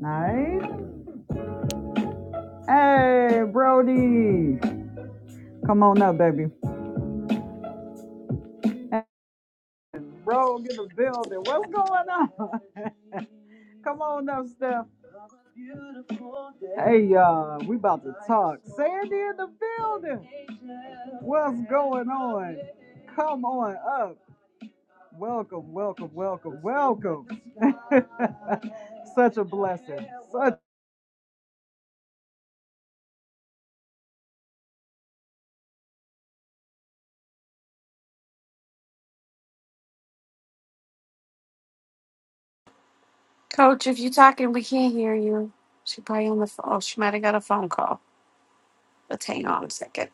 Nice. Hey, Brody. Come on up, baby. Bro, get the building. What's going on? Come on up, Steph. Hey, y'all. Uh, We about to talk. Sandy in the building. What's going on? Come on up. Welcome, welcome, welcome, welcome. Such a blessing. Such. Coach, if you're talking, we can't hear you. She probably on the phone. Oh, she might have got a phone call. Let's hang on a second.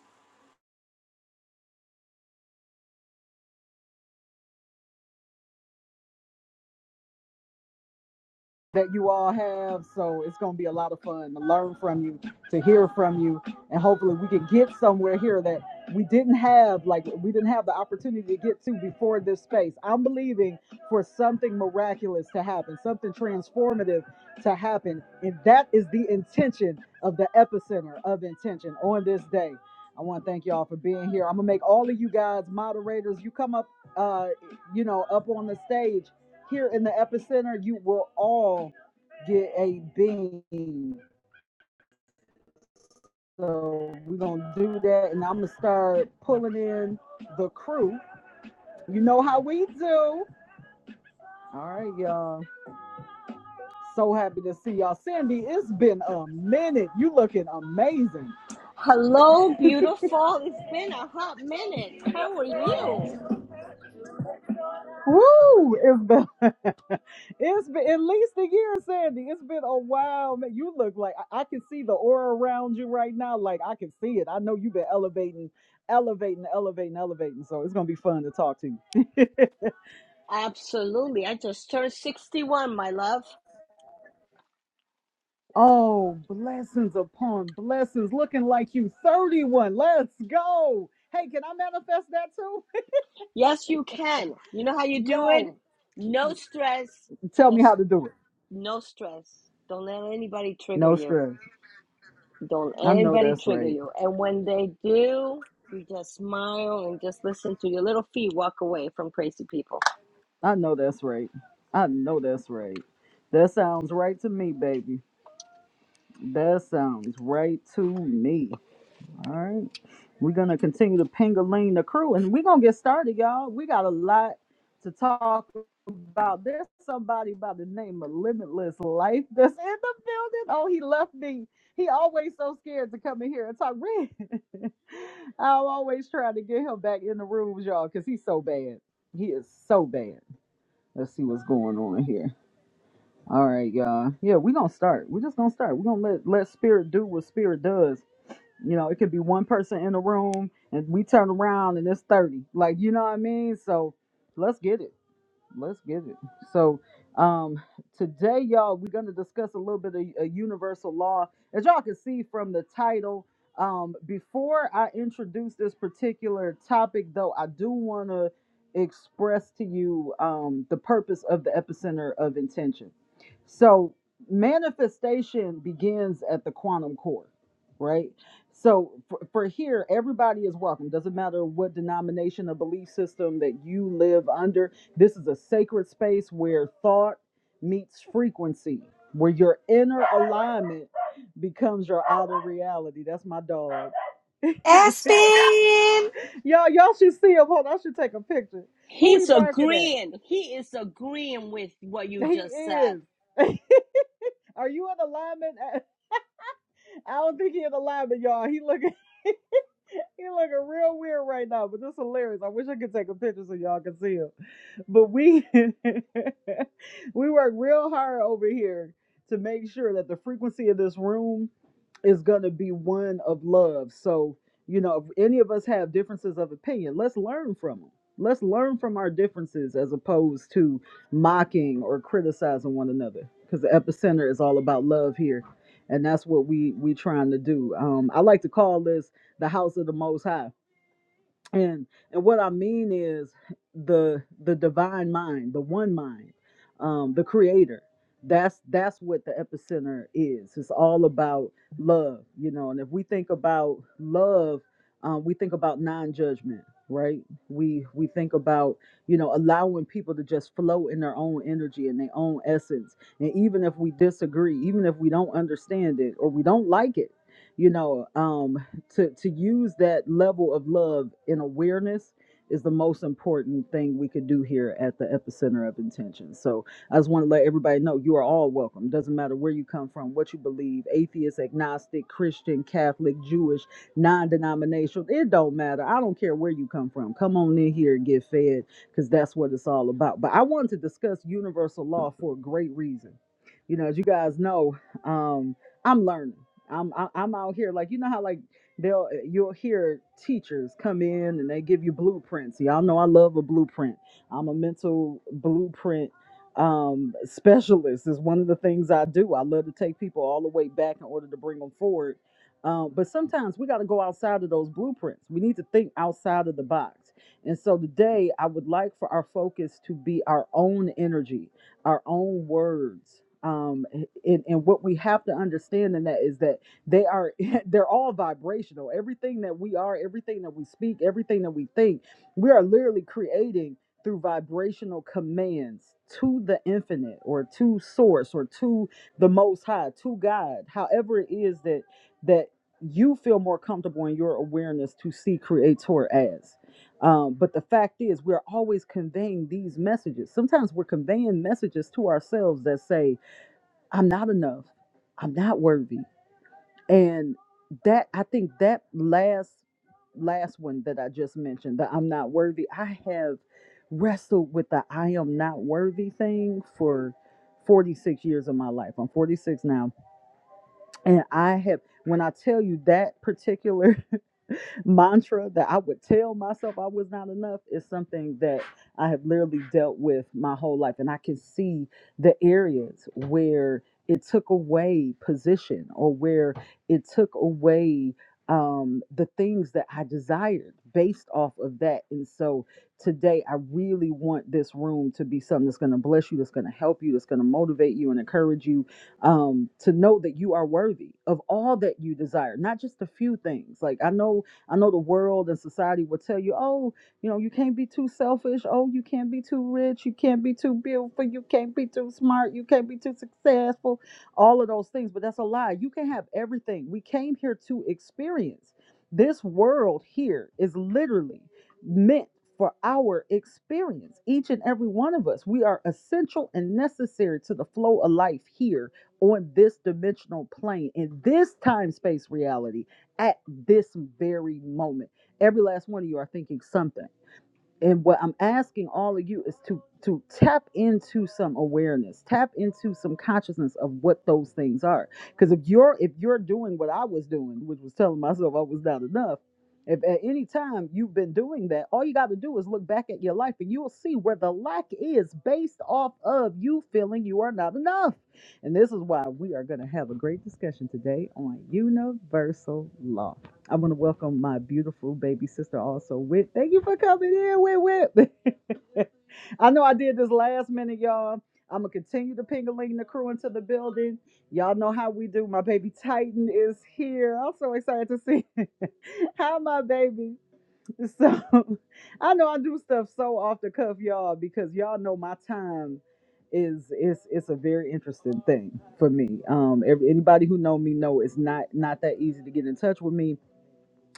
that you all have. So it's going to be a lot of fun to learn from you, to hear from you, and hopefully we can get somewhere here that we didn't have, like we didn't have the opportunity to get to before this space. I'm believing for something miraculous to happen, something transformative to happen, and that is the intention of the epicenter of intention on this day. I want to thank y'all for being here. I'm gonna make all of you guys moderators. You come up, uh, you know, up on the stage here in the epicenter, you will all get a bean. So we're gonna do that, and I'm gonna start pulling in the crew. You know how we do. All right, y'all. So happy to see y'all. Sandy, it's been a minute. You looking amazing. Hello, beautiful. It's been a hot minute. How are you? Woo! It's been it's been at least a year, Sandy. It's been a while. Man, you look like I, I can see the aura around you right now. Like I can see it. I know you've been elevating, elevating, elevating, elevating. So it's gonna be fun to talk to you. Absolutely. I just turned 61, my love. Oh, blessings upon blessings. Looking like you 31. Let's go. Hey, can I manifest that too? Yes, you can. You know how you do it? Yo, No stress. tell me Just how to do it. no stress. Don't let anybody trigger No you. stress. Don't I let know anybody that's trigger right. you. And when they do, you just smile and just listen to your little feet walk away from crazy people. I know that's right. I know that's right. That sounds right to me, baby. That sounds right to me. All right. We're going to continue to pingaling the crew and we're going to get started, y'all. We got a lot to talk about. There's somebody by the name of Limitless Life that's in the building. Oh, he left me. He always so scared to come in here and talk. Red. I'm always trying to get him back in the rooms, y'all, because he's so bad. He is so bad. Let's see what's going on here. All right, y'all. Yeah, we're gonna start. We're just gonna start. We're gonna let let spirit do what spirit does. You know, it could be one person in the room and we turn around and it's 30. Like, you know what I mean? So let's get it let's get it. So, um, today, y'all, we're going to discuss a little bit of a universal law. As y'all can see from the title, um, before I introduce this particular topic, though, I do want to express to you um, the purpose of the epicenter of intention. So, manifestation begins at the quantum core, right? So, for, for here, everybody is welcome. Doesn't matter what denomination or belief system that you live under this is a sacred space where thought meets frequency, where your inner alignment becomes your outer reality. That's my dog. y'all, Aspen! y'all should see him. Hold on, I should take a picture. Who he He's barking at? agreeing. He is agreeing with what you He just said. is. Are you in alignment? I don't think he in alignment, y'all. He looking he looking real weird right now, but this is hilarious. I wish I could take a picture so y'all can see him. but we we work real hard over here to make sure that the frequency of this room is going to be one of love so you know if any of us have differences of opinion let's learn from them let's learn from our differences as opposed to mocking or criticizing one another because the epicenter is all about love here and that's what we we trying to do um i like to call this the house of the most high and and what i mean is the the divine mind the one mind um the creator that's that's what the epicenter is it's all about love you know and if we think about love um, we think about non-judgment right we we think about you know allowing people to just flow in their own energy and their own essence and even if we disagree even if we don't understand it or we don't like it you know um, to to use that level of love in awareness is the most important thing we could do here at the epicenter of intention. So I just want to let everybody know you are all welcome. Doesn't matter where you come from, what you believe, atheist, agnostic, Christian, Catholic, Jewish, non-denominational, it don't matter. I don't care where you come from. Come on in here and get fed cuz that's what it's all about. But I wanted to discuss universal law for a great reason. You know, as you guys know, um I'm learning. I'm I- I'm out here like you know how like they'll eh, you'll hear teachers come in and they give you blueprints y'all know i love a blueprint i'm a mental blueprint um, specialist is one of the things i do i love to take people all the way back in order to bring them forward um, but sometimes we got to go outside of those blueprints we need to think outside of the box and so today i would like for our focus to be our own energy our own words um, and, and what we have to understand in that is that they are they're all vibrational. Everything that we are, everything that we speak, everything that we think, we are literally creating through vibrational commands to the infinite or to source or to the most high, to God. However it is that that you feel more comfortable in your awareness to see creator as. Um, but the fact is, we're always conveying these messages. Sometimes we're conveying messages to ourselves that say, I'm not enough. I'm not worthy and that i think that last last one that i just mentioned that i'm not worthy i have wrestled with the i am not worthy thing for 46 years of my life i'm 46 now and i have when i tell you that particular mantra that I would tell myself I was not enough is something that I have literally dealt with my whole life. And I can see the areas where it took away position or where it took away um, the things that I desired based off of that. And so today, I really want this room to be something that's going to bless you, that's going to help you, that's going to motivate you and encourage you um, to know that you are worthy of all that you desire, not just a few things. Like I know I know the world and society will tell you, oh, you know, you can't be too selfish. Oh, you can't be too rich. You can't be too beautiful. You can't be too smart. You can't be too successful. All of those things. But that's a lie. You can have everything. We came here to experience. This world here is literally meant for our experience. Each and every one of us, we are essential and necessary to the flow of life here on this dimensional plane in this time space reality at this very moment. Every last one of you are thinking something. And what I'm asking all of you is to to tap into some awareness, tap into some consciousness of what those things are. Because if you're if you're doing what I was doing, which was telling myself I was not enough, if at any time you've been doing that, all you got to do is look back at your life and you'll see where the lack is based off of you feeling you are not enough. And this is why we are going to have a great discussion today on universal law. I want to welcome my beautiful baby sister also, Whit. Thank you for coming in, Whit Whit. I know I did this last minute, y'all. I'm gonna continue to pingaling the crew into the building. Y'all know how we do. My baby Titan is here. I'm so excited to see how my baby. So I know I do stuff so off the cuff, y'all, because y'all know my time is is it's a very interesting thing for me. Um, every, anybody who know me know it's not not that easy to get in touch with me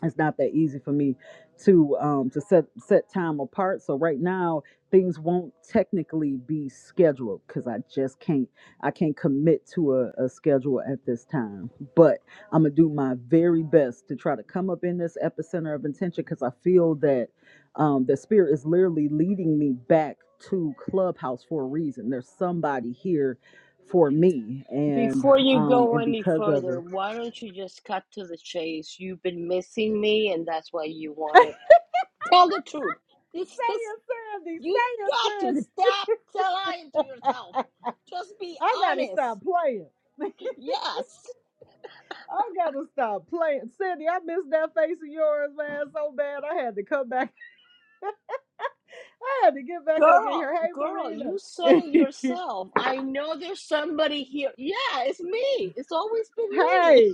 it's not that easy for me to um to set set time apart so right now things won't technically be scheduled because i just can't i can't commit to a, a schedule at this time but i'm gonna do my very best to try to come up in this epicenter of intention because i feel that um the spirit is literally leading me back to clubhouse for a reason there's somebody here for me and Before you um go and any because of further, it why don't you just cut to the chase? You've been missing me, and that's why you say want it. Tell the truth. This, this, it sandy you say it got to sandy stop lying to yourself. Just be I gotta honest. stop playing. Yes, I gotta stop playing. Cindy, I missed that face of yours, man, so bad. I had to come back. I had to get back up in girl, here. girl, you said Hey, it Marina. yourself. I know there's somebody here. Yeah, it's me. It's always been me. hey.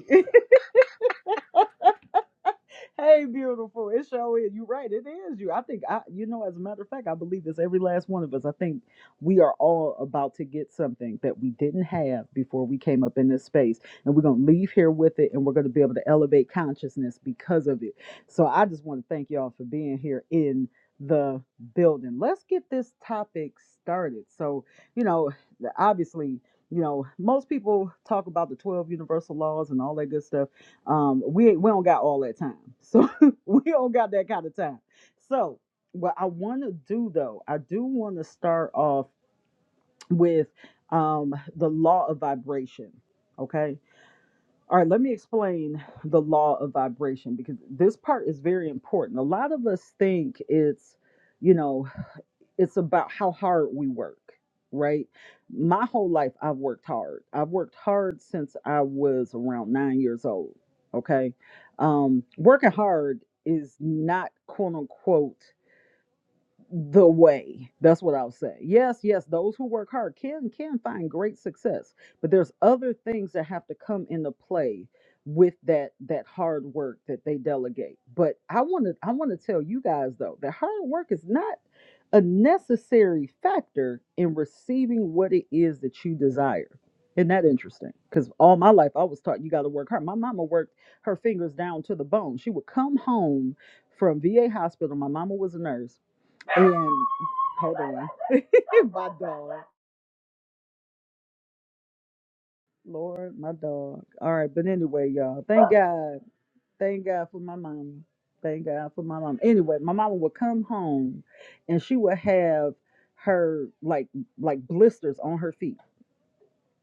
hey, beautiful. It sure is. You're right. It is you. I think I you know, as a matter of fact, I believe it's every last one of us. I think we are all about to get something that we didn't have before we came up in this space. And we're gonna leave here with it and we're gonna be able to elevate consciousness because of it. So I just want to thank y'all for being here in the building. Let's get this topic started. So, you know, obviously you know, most people talk about the 12 universal laws and all that good stuff um, we we don't got all that time, so we don't got that kind of time. So what I want to do though, I do want to start off with um the law of vibration. Okay. All right, let me explain the law of vibration because this part is very important. A lot of us think it's, you know, it's about how hard we work right my whole life i've worked hard i've worked hard since i was around nine years old okay um working hard is not quote unquote the way that's what i'll say yes yes those who work hard can can find great success but there's other things that have to come into play with that that hard work that they delegate but i want to i want to tell you guys though that hard work is not a necessary factor in receiving what it is that you desire. Isn't that interesting? Because all my life I was taught you got to work hard. My mama worked her fingers down to the bone. She would come home from VA hospital. My mama was a nurse. And hold on, my dog. Lord, my dog. All right, but anyway, y'all, thank God. Thank God for my mama. Thank God for my mama. Anyway, my mama would come home and she would have her like like blisters on her feet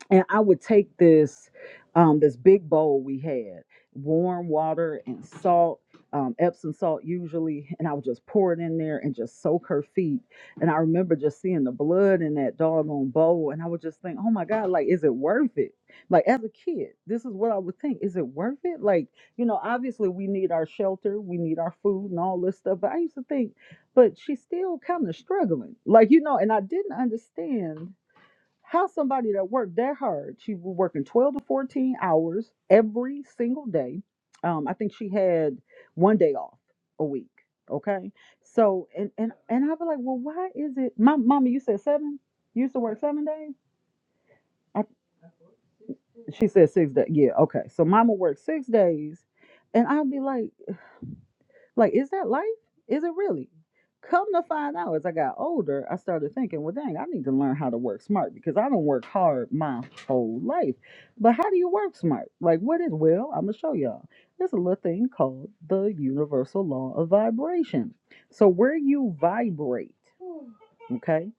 and I would take this um, this big bowl we had, warm water and salt, um, Epsom salt usually, and I would just pour it in there and just soak her feet. And I remember just seeing the blood in that doggone bowl, and I would just think, oh my God, like is it worth it? Like as a kid, this is what I would think: is it worth it? Like you know, obviously we need our shelter, we need our food, and all this stuff. But I used to think, but she's still kind of struggling, like you know, and I didn't understand how somebody that worked that hard, she was working 12 to 14 hours every single day. Um, I think she had one day off a week. Okay. So and and and I'd be like, well, why is it my mama, you said seven? You used to work seven days? I, she said six days. Yeah, okay. So mama worked six days. And I'd be like, Like, is that life? Is it really? Come to find out, as I got older, I started thinking, well, dang, I need to learn how to work smart because I don't work hard my whole life. But how do you work smart? Like, what is, well, I'm going to show y'all. There's a little thing called the universal law of vibration. So, where you vibrate, Okay.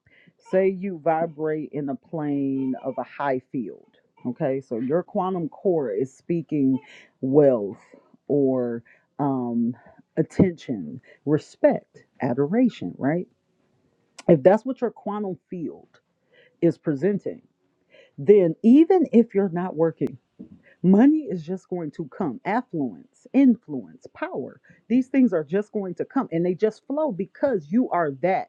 Say you vibrate in a plane of a high field. Okay. So your quantum core is speaking wealth or um, attention, respect, adoration, right? If that's what your quantum field is presenting, then even if you're not working, Money is just going to come. Affluence, influence, power. These things are just going to come and they just flow because you are that.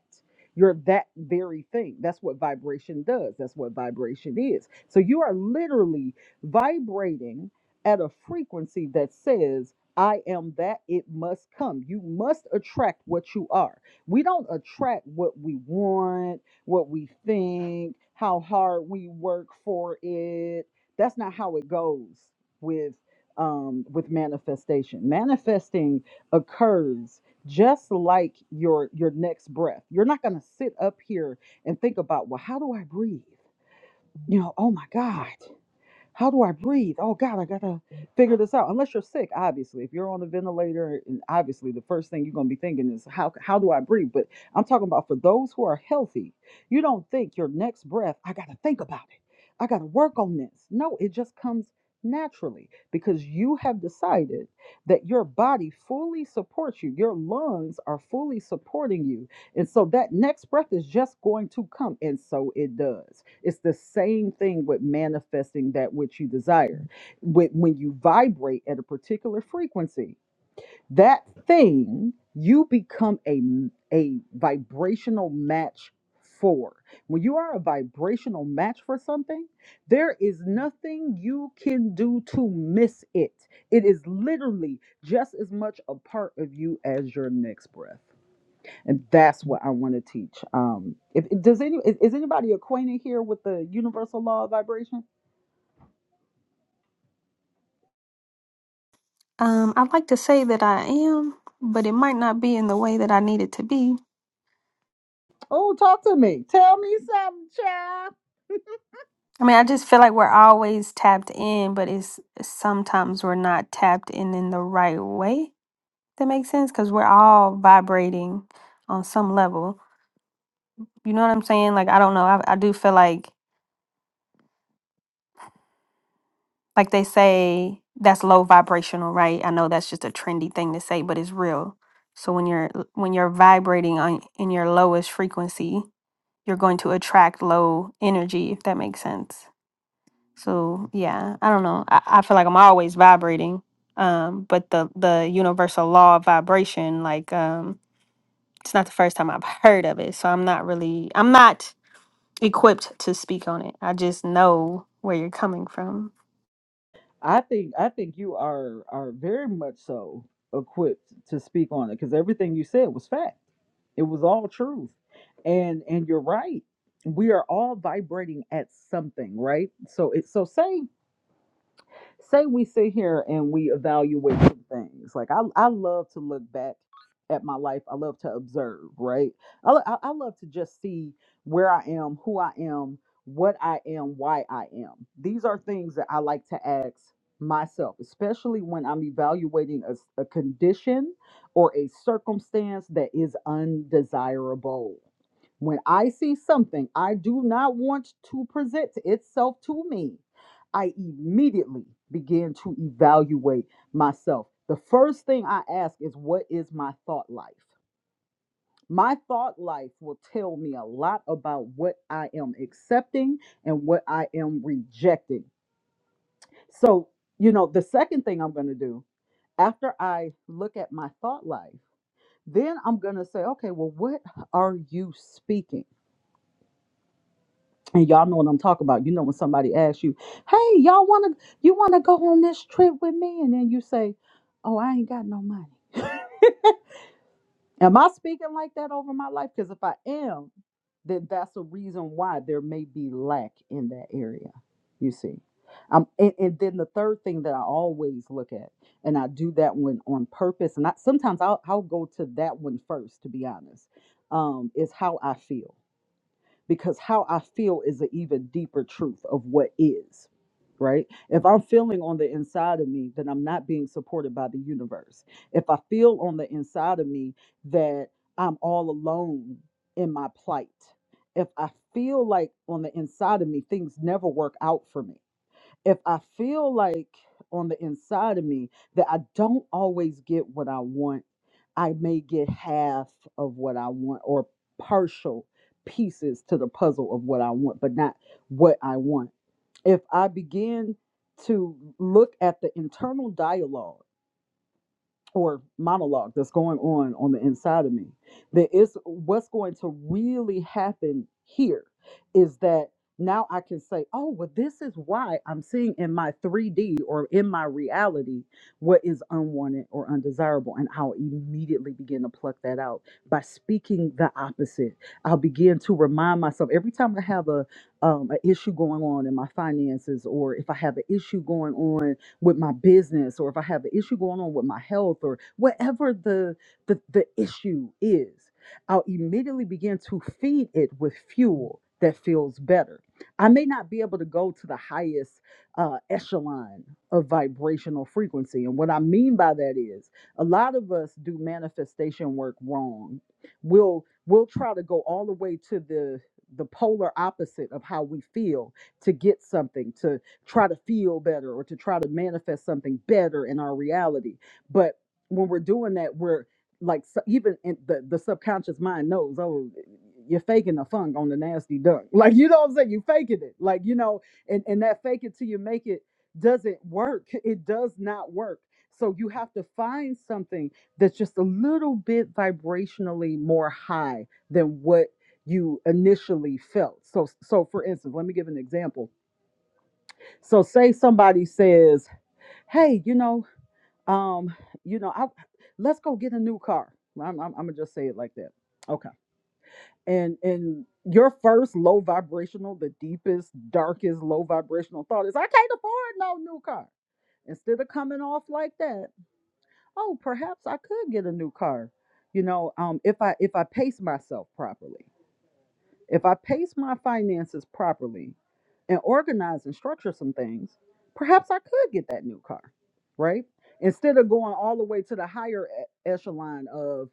You're that very thing. That's what vibration does. That's what vibration is. So you are literally vibrating at a frequency that says, I am that. It must come. You must attract what you are. We don't attract what we want, what we think, how hard we work for it that's not how it goes with um with manifestation manifesting occurs just like your your next breath you're not going to sit up here and think about well how do i breathe you know oh my god how do I breathe? Oh God, I gotta figure this out. Unless you're sick, obviously. If you're on a ventilator, and obviously the first thing you're gonna be thinking is how how do I breathe? But I'm talking about for those who are healthy, you don't think your next breath, I gotta think about it. I gotta work on this. No, it just comes naturally because you have decided that your body fully supports you. Your lungs are fully supporting you and so that next breath is just going to come. And so it does. It's the same thing with manifesting that which you desire. With, when you vibrate at a particular frequency, that thing you become a, a vibrational match for. When you are a vibrational match for something, there is nothing you can do to miss it. It is literally just as much a part of you as your next breath and that's what I want to teach. Um, if, if- does any is, is anybody acquainted here with the universal law of vibration? Um, I'd like to say that I am, but it might not be in the way that I need it to be. Oh, talk to me. Tell me something, child. I mean, I just feel like we're always tapped in, but it's sometimes we're not tapped in in the right way. That makes sense because we're all vibrating on some level. You know what I'm saying? Like, I don't know. I, I do feel like, like they say, that's low vibrational, right? I know that's just a trendy thing to say, but it's real. So when you're when you're vibrating on in your lowest frequency, you're going to attract low energy, if that makes sense. So yeah, I don't know. I, I feel like I'm always vibrating. Um, but the the universal law of vibration, like um, it's not the first time I've heard of it. So I'm not really I'm not equipped to speak on it. I just know where you're coming from. I think I think you are are very much so equipped to speak on it because everything you said was fact. It was all truth, and and you're right. We are all vibrating at something, right? So it so say say we sit here and we evaluate some things. Like I, I love to look back at my life. I love to observe, right? I, lo- I, I love to just see where I am, who I am, what I am, why I am. These are things that I like to ask myself, especially when I'm evaluating a, s- a condition or a circumstance that is undesirable. When I see something I do not want to present itself to me, I immediately began to evaluate myself. The first thing I ask is, What is my thought life? My thought life will tell me a lot about what I am accepting and what I am rejecting. So, you know, the second thing I'm going to do after I look at my thought life, then I'm going to say, Okay, well, what are you speaking? and y'all know what I'm talking about. You know when somebody asks you, "Hey, y'all want to you want to go on this trip with me?" and then you say, "Oh, I ain't got no money." Am I speaking like that over my life? Because if I am, then that's a reason why there may be lack in that area. You see. Um, and, and then the third thing that I always look at, and I do that one on purpose, and I, sometimes I'll, I'll go to that one first, to be honest, um, is how I feel because how I feel is an even deeper truth of what is, right? If I'm feeling on the inside of me, then I'm not being supported by the universe. If I feel on the inside of me that I'm all alone in my plight, if I feel like on the inside of me things never work out for me, if I feel like on the inside of me that I don't always get what I want, I may get half of what I want or partial pieces to the puzzle of what I want, but not what I want. If I begin to look at the internal dialogue, or monologue that's going on on the inside of me that is what's going to really happen here is that now i can say oh well this is why i'm seeing in my 3d or in my reality what is unwanted or undesirable and i'll immediately begin to pluck that out by speaking the opposite i'll begin to remind myself every time i have a um, an issue going on in my finances or if i have an issue going on with my business or if I have an issue going on with my health or whatever the the, the issue is, I'll immediately begin to feed it with fuel that feels better. I may not be able to go to the highest uh, echelon of vibrational frequency. And what I mean by that is a lot of us do manifestation work wrong. We'll we'll try to go all the way to the the polar opposite of how we feel to get something to try to feel better or to try to manifest something better in our reality. But when we're doing that, we're like so- even in the, the subconscious mind knows, oh, you're faking the funk on the nasty dunk. Like, you know what I'm saying? you faking it. Like, you know, and, and that fake it till you make it doesn't work. It does not work. So you have to find something that's just a little bit vibrationally more high than what you initially felt. So so for instance, let me give an example so say somebody says, "Hey, you know, um, you know, I let's go get a new car." I'm, I'm, I'm gonna just say it like that. Okay. And and your first low vibrational, the deepest, darkest low vibrational thought is, "I can't afford no new car." Instead of coming off like that, oh, perhaps I could get a new car. You know, um, if I if I pace myself properly. If I pace my finances properly and organize and structure some things, perhaps I could get that new car, right? Instead of going all the way to the higher e- echelon of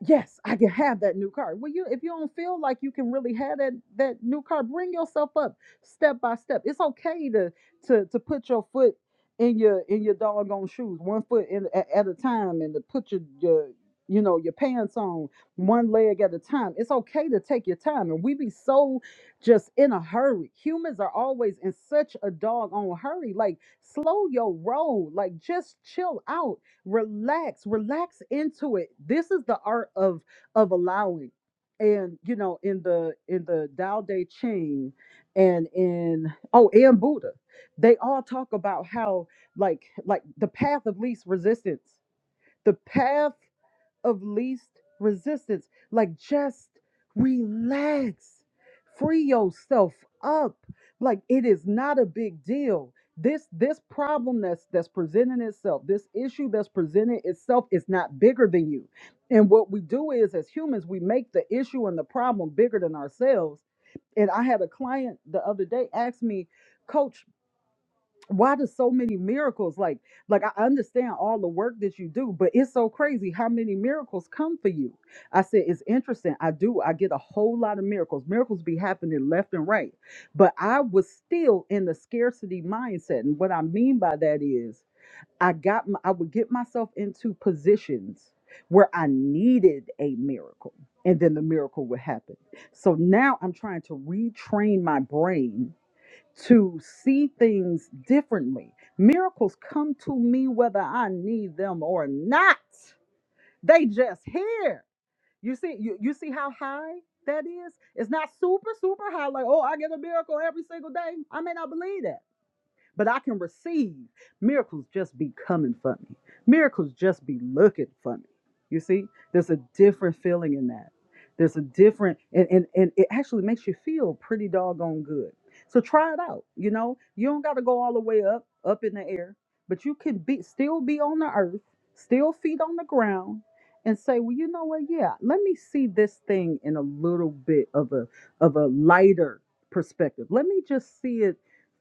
yes, I can have that new car. Well, you if you don't feel like you can really have that that new car, bring yourself up step by step. It's okay to to to put your foot in your in your doggone shoes, one foot in at, at a time, and to put your your you know your pants on one leg at a time. It's okay to take your time, and we be so just in a hurry. Humans are always in such a doggone hurry. Like slow your roll. Like just chill out relax relax into it this is the art of of allowing and you know in the in the Tao Te Ching and in oh and Buddha they all talk about how like like the path of least resistance the path of least resistance. Like just relax. Free yourself up. Like it is not a big deal. This this problem that's that's presenting itself, this issue that's presented itself is not bigger than you. And what we do is as humans, we make the issue and the problem bigger than ourselves. And I had a client the other day ask me, Coach, why do so many miracles like like i understand all the work that you do but it's so crazy how many miracles come for you i said it's interesting i do i get a whole lot of miracles miracles be happening left and right but i was still in the scarcity mindset and what i mean by that is i got my, i would get myself into positions where i needed a miracle and then the miracle would happen so now i'm trying to retrain my brain to see things differently. Miracles come to me whether I need them or not. They just here. You see, you, you see how high that is? It's not super, super high, like, oh, I get a miracle every single day. I may not believe that but I can receive. Miracles just be coming for me. Miracles just be looking for me. You see, there's a different feeling in that. There's a different, and, and, and it actually makes you feel pretty doggone good. So try it out. You know, you don't got to go all the way up, up in the air, but you can be still be on the earth, still feet on the ground, and say, well, you know what? Yeah, let me see this thing in a little bit of a of a lighter perspective. Let me just see it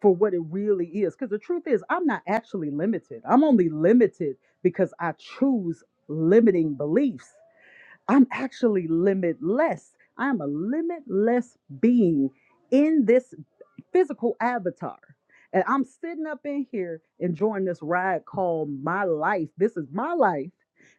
for what it really is. Because the truth is, I'm not actually limited. I'm only limited because I choose limiting beliefs. I'm actually limitless. I'm a limitless being in this physical avatar. And I'm sitting up in here enjoying this ride called my life. This is my life.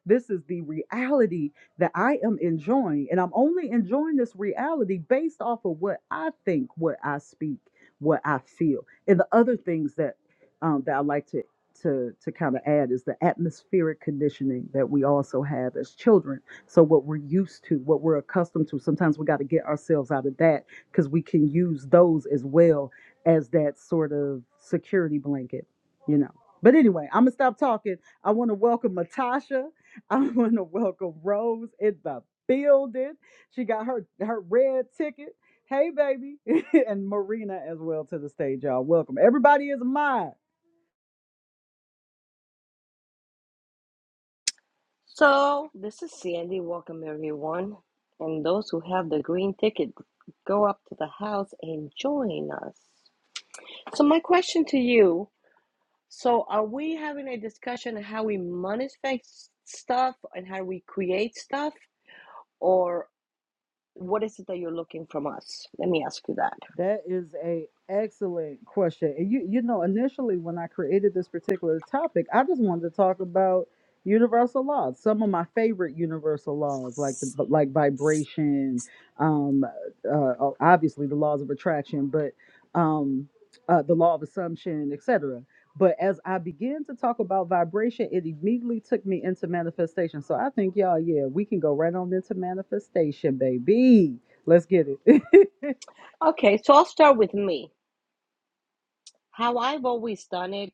This is the reality that I am enjoying. And I'm only enjoying this reality based off of what I think, what I speak, what I feel. And the other things that um, that I like to to to kind of add is the atmospheric conditioning that we also have as children. So what we're used to, what we're accustomed to, sometimes we got to get ourselves out of that because we can use those as well as that sort of security blanket, you know. But anyway, I'm gonna stop talking. I want to welcome Matasha. I want to welcome Rose in the building. She got her her red ticket. Hey, baby, and Marina as well to the stage, y'all. Welcome. Everybody is mine. So, this is Sandy. Welcome, everyone. And those who have the green ticket, go up to the house and join us. So, my question to you so, are we having a discussion on how we manifest stuff and how we create stuff? Or what is it that you're looking from us? Let me ask you that. That is a excellent question. And you you know, initially when I created this particular topic, I just wanted to talk about universal laws. Some of my favorite universal laws, like the but like vibration, um, uh, obviously the laws of attraction, but um, uh, the law of assumption, etc. But as I began to talk about vibration, it immediately took me into manifestation. So I think y'all, yeah, we can go right on into manifestation, baby. Let's get it. Okay, so I'll start with me. How I've always done it,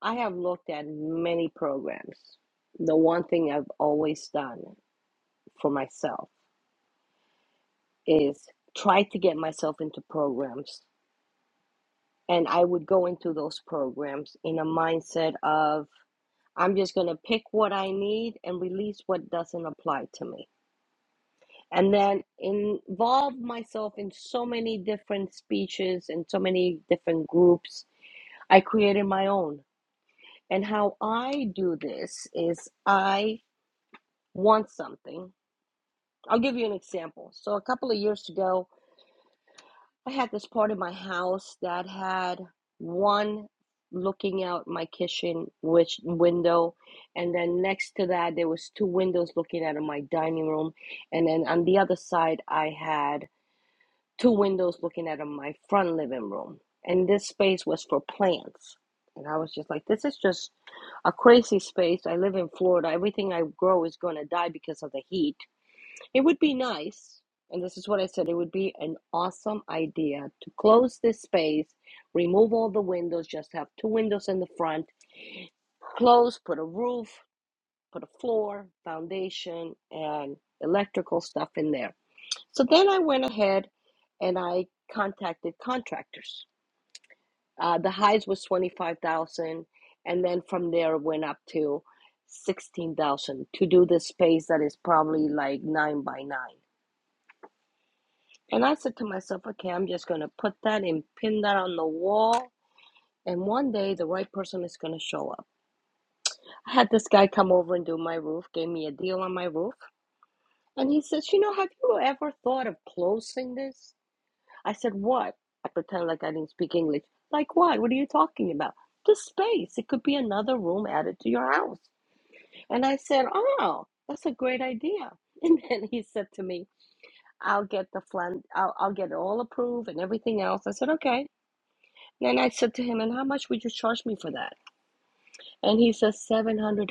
I have looked at many programs. The one thing I've always done for myself is try to get myself into programs. And I would go into those programs in a mindset of, I'm just going to pick what I need and release what doesn't apply to me. And then involve myself in so many different speeches and so many different groups. I created my own. And how I do this is I want something. I'll give you an example. So, a couple of years ago, I had this part of my house that had one looking out my kitchen which window and then next to that there was two windows looking out of my dining room and then on the other side I had two windows looking out of my front living room and this space was for plants and I was just like this is just a crazy space I live in Florida everything I grow is going to die because of the heat it would be nice, and this is what I said, it would be an awesome idea to close this space, remove all the windows, just have two windows in the front, close, put a roof, put a floor, foundation, and electrical stuff in there. So then I went ahead and I contacted contractors. Uh, the highs was 25,000 and then from there it went up to 16,000 to do this space that is probably like 9 by 9 And I said to myself, okay, I'm just going to put that and pin that on the wall. And one day the right person is going to show up. I had this guy come over and do my roof, gave me a deal on my roof. And he says, you know, have you ever thought of closing this? I said, what? I pretend like I didn't speak English. Like what? What are you talking about? The space. It could be another room added to your house. And I said, oh, that's a great idea. And then he said to me, I'll get the flan, I'll, I'll get it all approved and everything else. I said, okay. And I said to him, And how much would you charge me for that? And he says, $700.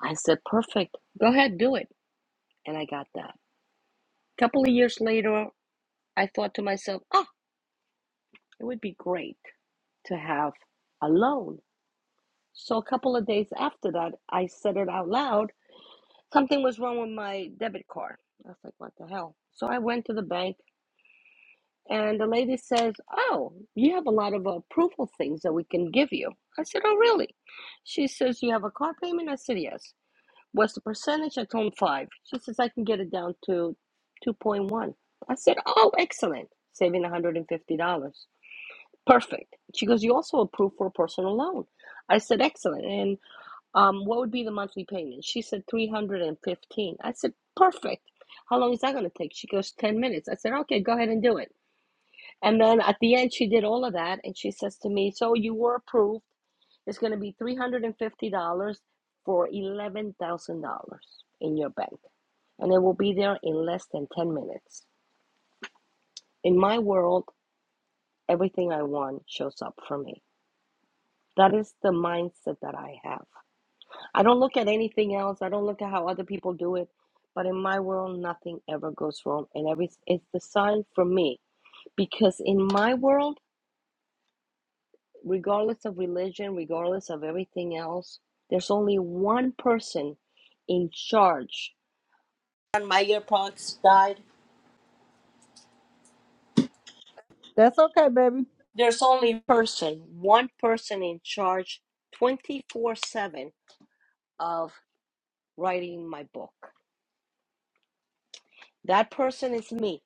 I said, Perfect. Go ahead, do it. And I got that. A couple of years later, I thought to myself, Oh, it would be great to have a loan. So a couple of days after that, I said it out loud. Something was wrong with my debit card. I was like, What the hell? So I went to the bank And the lady says, Oh, you have a lot of approval things that we can give you. I said, Oh, really? She says, You have a car payment? I said, Yes. What's the percentage? I told him five. She says, I can get it down to 2.1. I said, Oh, excellent. Saving $150. Perfect. She goes, You also approve for a personal loan. I said, Excellent. And um, what would be the monthly payment? She said, 315 I said, Perfect. How long is that going to take? She goes, 10 minutes. I said, Okay, go ahead and do it. And then at the end, she did all of that, and she says to me, "So you were approved. It's going to be three hundred and fifty dollars for eleven thousand dollars in your bank, and it will be there in less than ten minutes." In my world, everything I want shows up for me. That is the mindset that I have. I don't look at anything else. I don't look at how other people do it. But in my world, nothing ever goes wrong, and every it's the sign for me because in my world. regardless of religion, regardless of everything else, there's only one person in charge. When Meyer Parks died, That's okay, baby. there's only person, one person in charge 24 7 of writing my book. That person is me.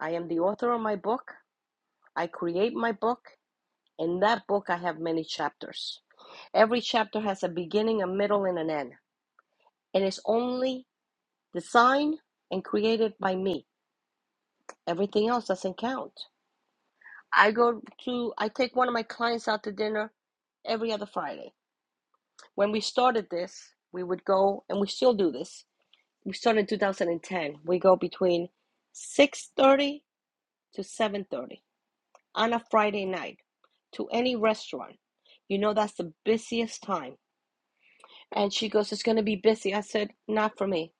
I am the author of my book. I create my book. In that book, I have many chapters. Every chapter has a beginning, a middle, and an end. And it's only designed and created by me. Everything else doesn't count. I go to, I take one of my clients out to dinner every other Friday. When we started this, we would go, and we still do this. We started in 2010. We go between 6:30 to 7:30 on a Friday night to any restaurant. You know that's the busiest time. And she goes, "It's going to be busy." I said, "Not for me."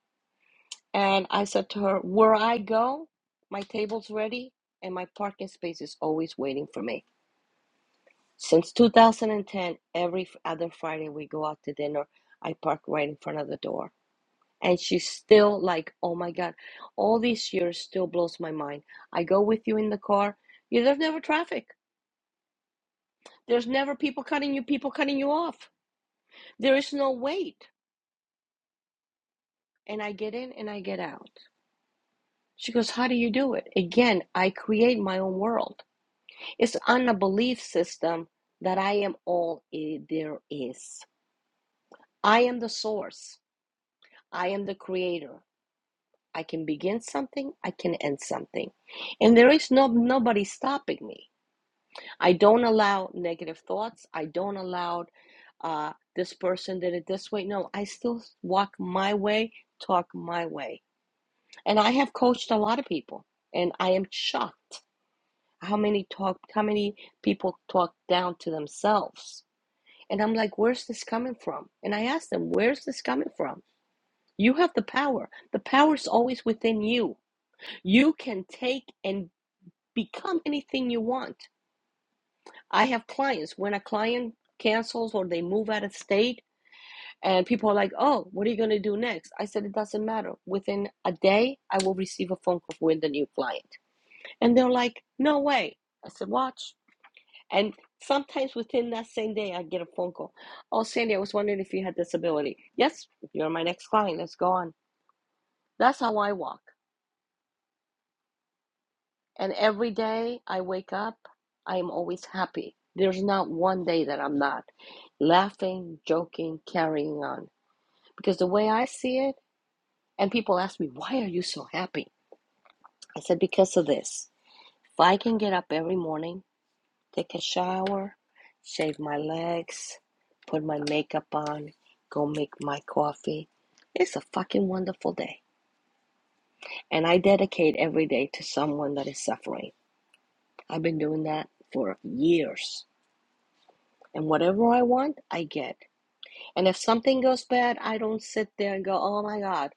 And I said to her, "Where I go, my table's ready, and my parking space is always waiting for me." Since 2010, every other Friday we go out to dinner. I park right in front of the door. And she's still like, oh my God, all these years still blows my mind. I go with you in the car. You, there's never traffic. There's never people cutting you, people cutting you off. There is no wait. And I get in and I get out. She goes, how do you do it? Again, I create my own world. It's on a belief system that I am all eh, there is. I am the source. I am the creator. I can begin something, I can end something. And there is no nobody stopping me. I don't allow negative thoughts. I don't allow uh, this person did it this way. No, I still walk my way, talk my way. And I have coached a lot of people, and I am shocked how many talk, how many people talk down to themselves. And I'm like, where's this coming from? And I ask them, where's this coming from? You have the power. The power is always within you. You can take and become anything you want. I have clients, when a client cancels or they move out of state, and people are like, oh, what are you going to do next? I said, it doesn't matter. Within a day, I will receive a phone call with a new client. And they're like, no way. I said, watch. And sometimes within that same day, I get a phone call. Oh, Sandy, I was wondering if you had disability. Yes, you're my next client. Let's go on. That's how I walk. And every day I wake up, I am always happy. There's not one day that I'm not laughing, joking, carrying on. Because the way I see it, and people ask me, why are you so happy? I said, because of this. If I can get up every morning, take a shower, shave my legs, put my makeup on, go make my coffee, it's a fucking wonderful day. And I dedicate every day to someone that is suffering. I've been doing that for years And whatever I want, I get. And if something goes bad, I don't sit there and go, oh my God.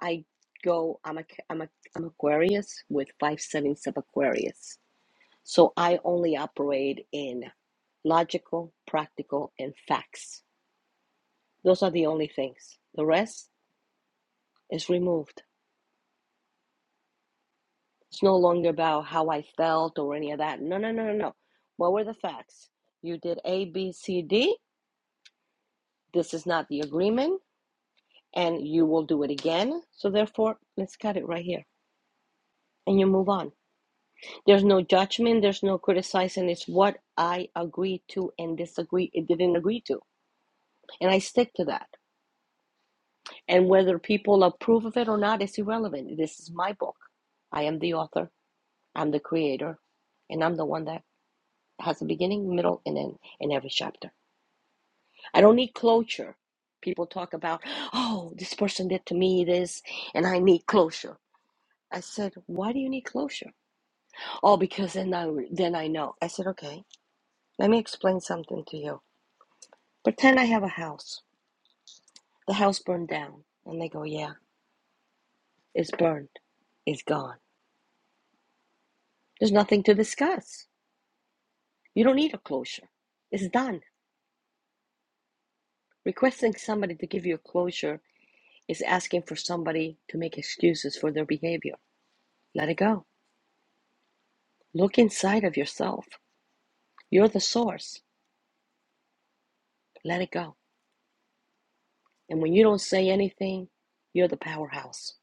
I go, I'm, a, I'm, a, I'm Aquarius with five settings of Aquarius. So I only operate in logical, practical, and facts. Those are the only things. The rest is removed. It's no longer about how I felt or any of that. No, no, no, no, no. What were the facts? You did A, B, C, D. This is not the agreement and you will do it again. So therefore, let's cut it right here and you move on. There's no judgment, there's no criticizing. It's what I agree to and disagree it didn't agree to. And I stick to that. And whether people approve of it or not it's irrelevant. This is my book. I am the author, I'm the creator, and I'm the one that has a beginning, middle, and end in every chapter. I don't need closure. People talk about, oh, this person did to me this, and I need closure. I said, why do you need closure? Oh, because then I then I know. I said, okay, let me explain something to you. Pretend I have a house. The house burned down, and they go, yeah, it's burned, it's gone. There's nothing to discuss. You don't need a closure. It's done. Requesting somebody to give you a closure is asking for somebody to make excuses for their behavior. Let it go. Look inside of yourself. You're the source. Let it go. And when you don't say anything, you're the powerhouse.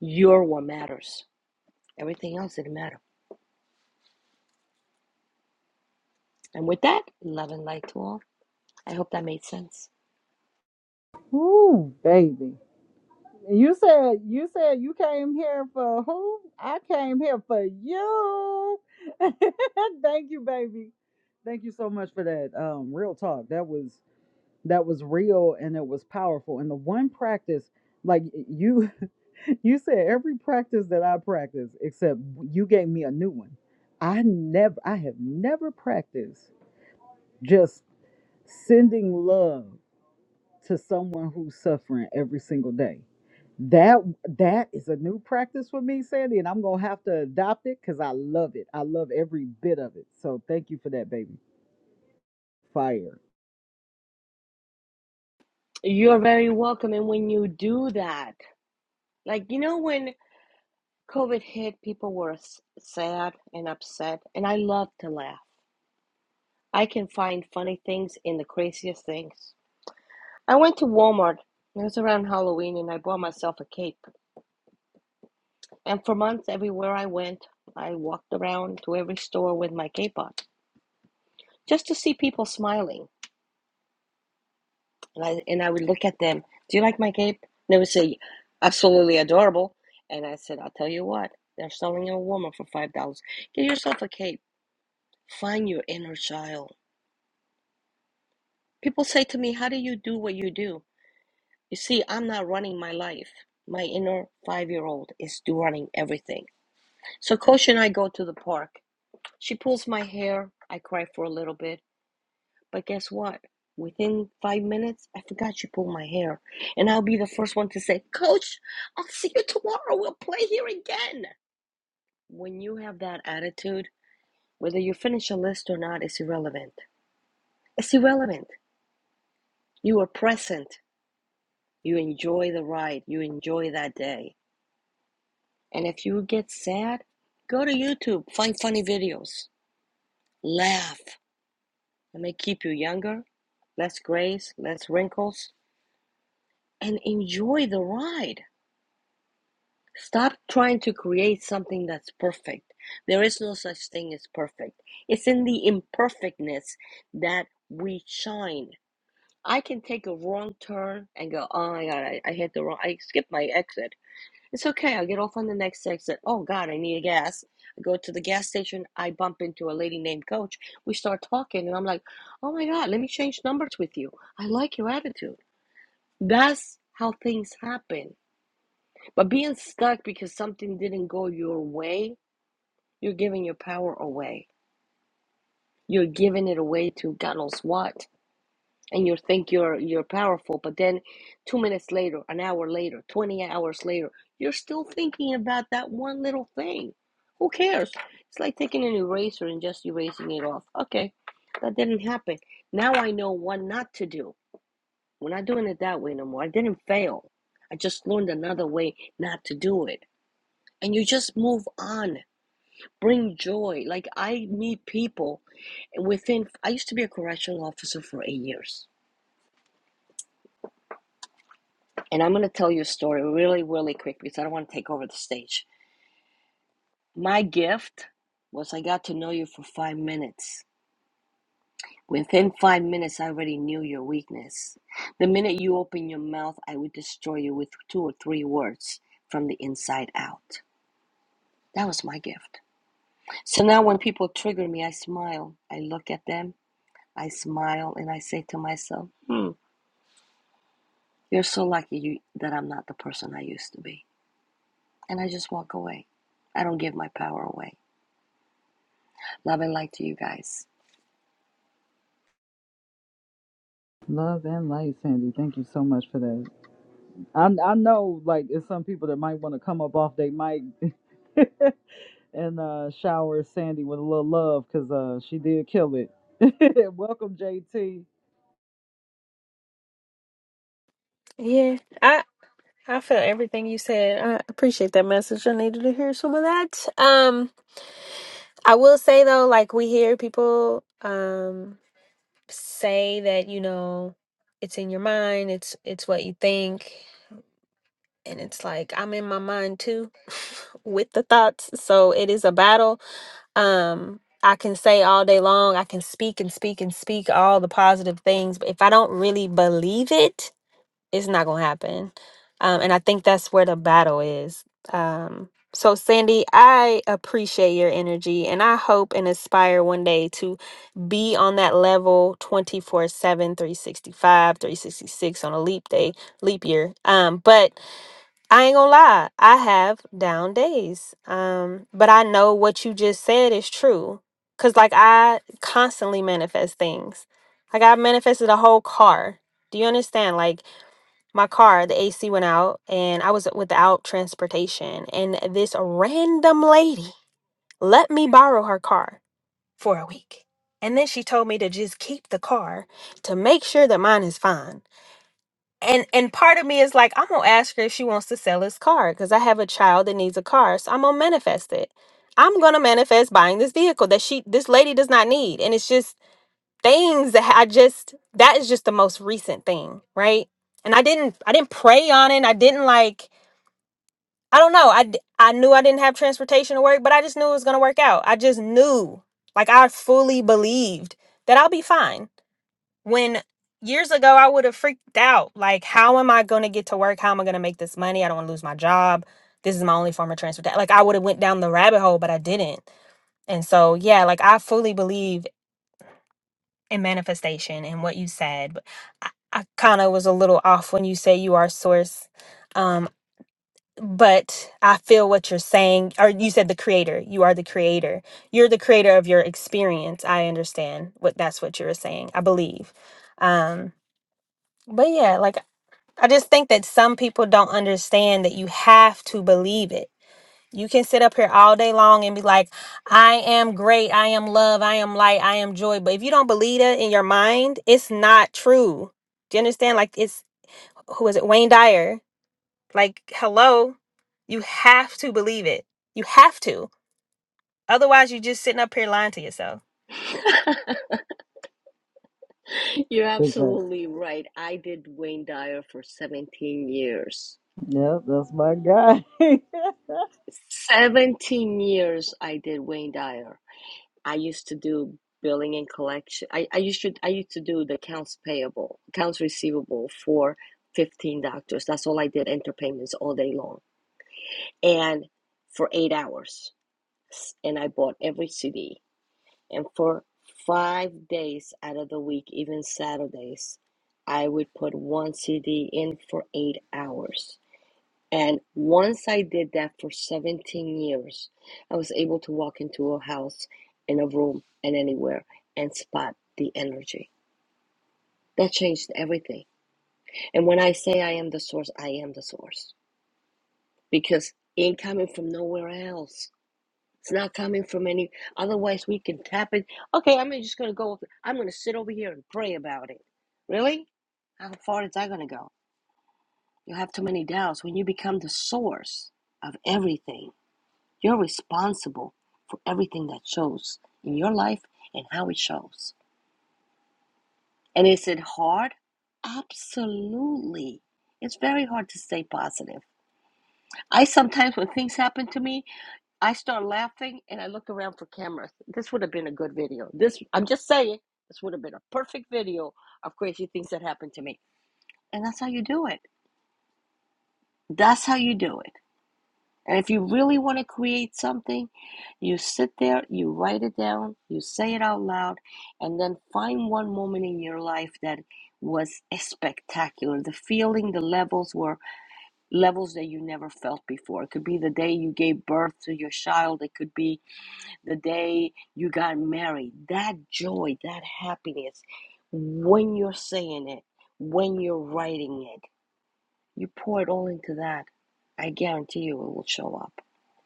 You're what matters. Everything else didn't matter. And with that, love and light to all. I hope that made sense. Ooh, baby. You said you said you came here for who? I came here for you. Thank you, baby. Thank you so much for that um real talk. That was that was real and it was powerful. And the one practice like you you said every practice that I practice except you gave me a new one. I never I have never practiced just sending love to someone who's suffering every single day. That that is a new practice for me, Sandy, and I'm gonna have to adopt it because I love it. I love every bit of it. So thank you for that, baby. Fire. You're very welcome. And when you do that, like, you know, when COVID hit, people were sad and upset. And I love to laugh. I can find funny things in the craziest things. I went to Walmart. It was around Halloween, and I bought myself a cape. And for months, everywhere I went, I walked around to every store with my cape on just to see people smiling. And I, and I would look at them. Do you like my cape? And they would say, absolutely adorable. And I said, I'll tell you what, they're selling a woman for $5. Get yourself a cape. Find your inner child. People say to me, how do you do what you do? You see, I'm not running my life. My inner five year old is running everything. So Coach and I go to the park. She pulls my hair. I cry for a little bit. But guess what? Within five minutes, I forgot you pulled my hair. And I'll be the first one to say, Coach, I'll see you tomorrow. We'll play here again. When you have that attitude, whether you finish a list or not is irrelevant. It's irrelevant. You are present. You enjoy the ride. You enjoy that day. And if you get sad, go to YouTube, find funny videos, laugh. It may keep you younger, less grays, less wrinkles, and enjoy the ride Stop trying to create something that's perfect. There is no such thing as perfect. It's in the imperfectness that we shine. I can take a wrong turn and go, oh my God, I, I hit the wrong, I skipped my exit. It's okay, I'll get off on the next exit. Oh God, I need a gas. I go to the gas station, I bump into a lady named Coach. We start talking, and I'm like, oh my God, let me change numbers with you. I like your attitude. That's how things happen but being stuck because something didn't go your way, you're giving your power away. You're giving it away to God knows what. And you think you're you're powerful, but then two minutes later, an hour later, twenty hours later, you're still thinking about that one little thing. Who cares? It's like taking an eraser and just erasing it off. Okay, that didn't happen. Now I know what not to do. We're not doing it that way no more. I didn't fail. I just learned another way not to do it. And you just move on bring joy. Like I meet people within. I used to be a correctional officer for eight years, and I'm gonna tell you a story really, really quick because I don't want to take over the stage. My gift was I got to know you for five minutes. Within five minutes, I already knew your weakness. The minute you open your mouth, I would destroy you with two or three words from the inside out. That was my gift. So now when people trigger me, I smile. I look at them, I smile, and I say to myself, You're so lucky you, that I'm not the person I used to be. And I just walk away. I don't give my power away. Love and light to you guys. Love and light, Sandy. Thank you so much for that. I I know like there's some people that might want to come up off their mic and uh, shower Sandy with a little love because uh, she did kill it. Welcome, JT. Yeah, I I feel everything you said. I appreciate that message. I needed to hear some of that. Um, I will say though, like we hear people. Um, say that you know it's in your mind it's it's what you think and it's like i'm in my mind too with the thoughts so it is a battle um i can say all day long i can speak and speak and speak all the positive things but if i don't really believe it it's not gonna happen. Um, and I think that's where the battle is. Um, so Sandy, I appreciate your energy and I hope and aspire one day to be on that level twenty four seven, three 366 on a leap day, leap year. Um, but I ain't gonna lie, I have down days. Um, but I know what you just said is true. Cause like I constantly manifest things. Like I manifested a whole car. Do you understand? Like my car, the AC went out and I was without transportation. And this random lady let me borrow her car for a week. And then she told me to just keep the car to make sure that mine is fine. And and part of me is like, I'm gonna ask her if she wants to sell this car because I have a child that needs a car. So I'm gonna manifest it. I'm gonna manifest buying this vehicle that she this lady does not need. And it's just things that I just that is just the most recent thing, right? And I didn't I didn't pray on it. I didn't like I don't know. I d- I knew I didn't have transportation to work, but I just knew it was going to work out. I just knew. Like I fully believed that I'll be fine. When years ago I would have freaked out like how am I going to get to work? How am I going to make this money? I don't want to lose my job. This is my only form of transportation. Like I would have went down the rabbit hole, but I didn't. And so, yeah, like I fully believe and manifestation and what you said. But I, I kind of was a little off when you say you are source. Um, but I feel what you're saying, or you said the creator. You are the creator. You're the creator of your experience. I understand what that's what you were saying. I believe. Um, but yeah, like I just think that some people don't understand that you have to believe it you can sit up here all day long and be like, I am great. I am love. I am light. I am joy. But if you don't believe that in your mind, it's not true. Do you understand? Like, it's who is it? Wayne Dyer. Like, hello. You have to believe it. You have to. Otherwise, you're just sitting up here lying to yourself. You're Exactly. absolutely right. I did Wayne Dyer for 17 years. Yep, that's my guy. 17 years I did Wayne Dyer. I used to do billing and collection. I, I used to I used to do the accounts payable, accounts receivable for 15 doctors. That's all I did, interpayments all day long. And for eight hours. And I bought every CD. And for five days out of the week, even Saturdays, I would put one CD in for eight hours. And once I did that for 17 years, I was able to walk into a house, in a room, and anywhere and spot the energy. That changed everything. And when I say I am the source, I am the source because it ain't coming from nowhere else It's not coming from any. Otherwise, we can tap it. Okay, I'm just going to go. I'm going to sit over here and pray about it. Really? How far is that going to go? You have too many doubts. When you become the source of everything, you're responsible for everything that shows in your life and how it shows. And is it hard? Absolutely. It's very hard to stay positive. I sometimes, when things happen to me, I start laughing and I look around for cameras. This would have been a good video. This, I'm just saying, this would have been a perfect video of crazy things that happened to me. And that's how you do it. That's how you do it. And if you really want to create something, you sit there, you write it down, you say it out loud, and then find one moment in your life that was spectacular. The feeling, the levels were levels that you never felt before. It could be the day you gave birth to your child, it could be the day you got married, that joy, that happiness, when you're saying it, when you're writing it, you pour it all into that. I guarantee you it will show up.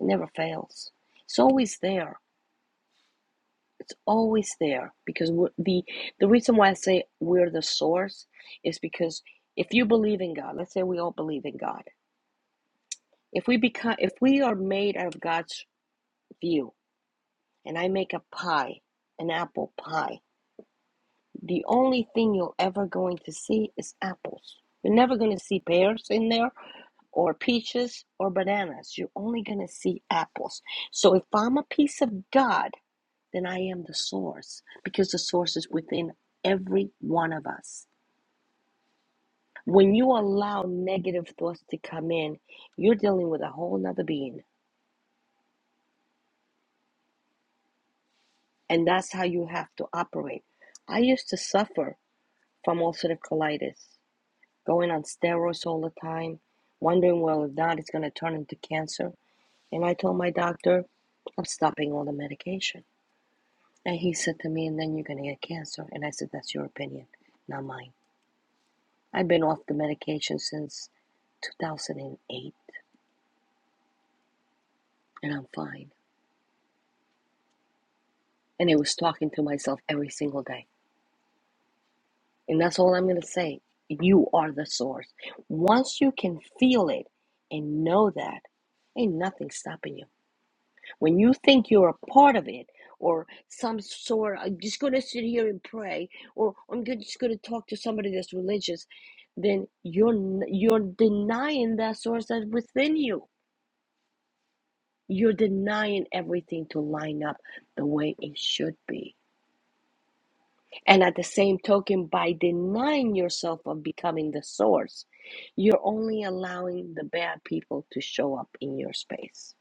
It never fails. It's always there. It's always there because we're the the reason why I say we're the source is because if you believe in God, let's say we all believe in God. If we become if we are made out of God's view and I make a pie, an apple pie, the only thing you're ever going to see is apples. You're never going to see pears in there or peaches or bananas. You're only going to see apples. So if I'm a piece of God, then I am the source because the source is within every one of us. When you allow negative thoughts to come in, you're dealing with a whole nother being, and that's how you have to operate. I used to suffer from ulcerative colitis. going on steroids all the time, wondering whether or not it's going to turn into cancer. And I told my doctor, I'm stopping all the medication. And he said to me, and then you're going to get cancer. And I said, that's your opinion, not mine. I've been off the medication since 2008, and I'm fine. And I was talking to myself every single day. And that's all I'm going to say. You are the source. Once you can feel it and know that, ain't nothing stopping you. When you think you're a part of it or some sort, I'm just going to sit here and pray, or I'm go- just going to talk to somebody that's religious, then you're you're denying that source that's within you. You're denying everything to line up the way it should be. And at the same token, by denying yourself of becoming the source, you're only allowing the bad people to show up in your space.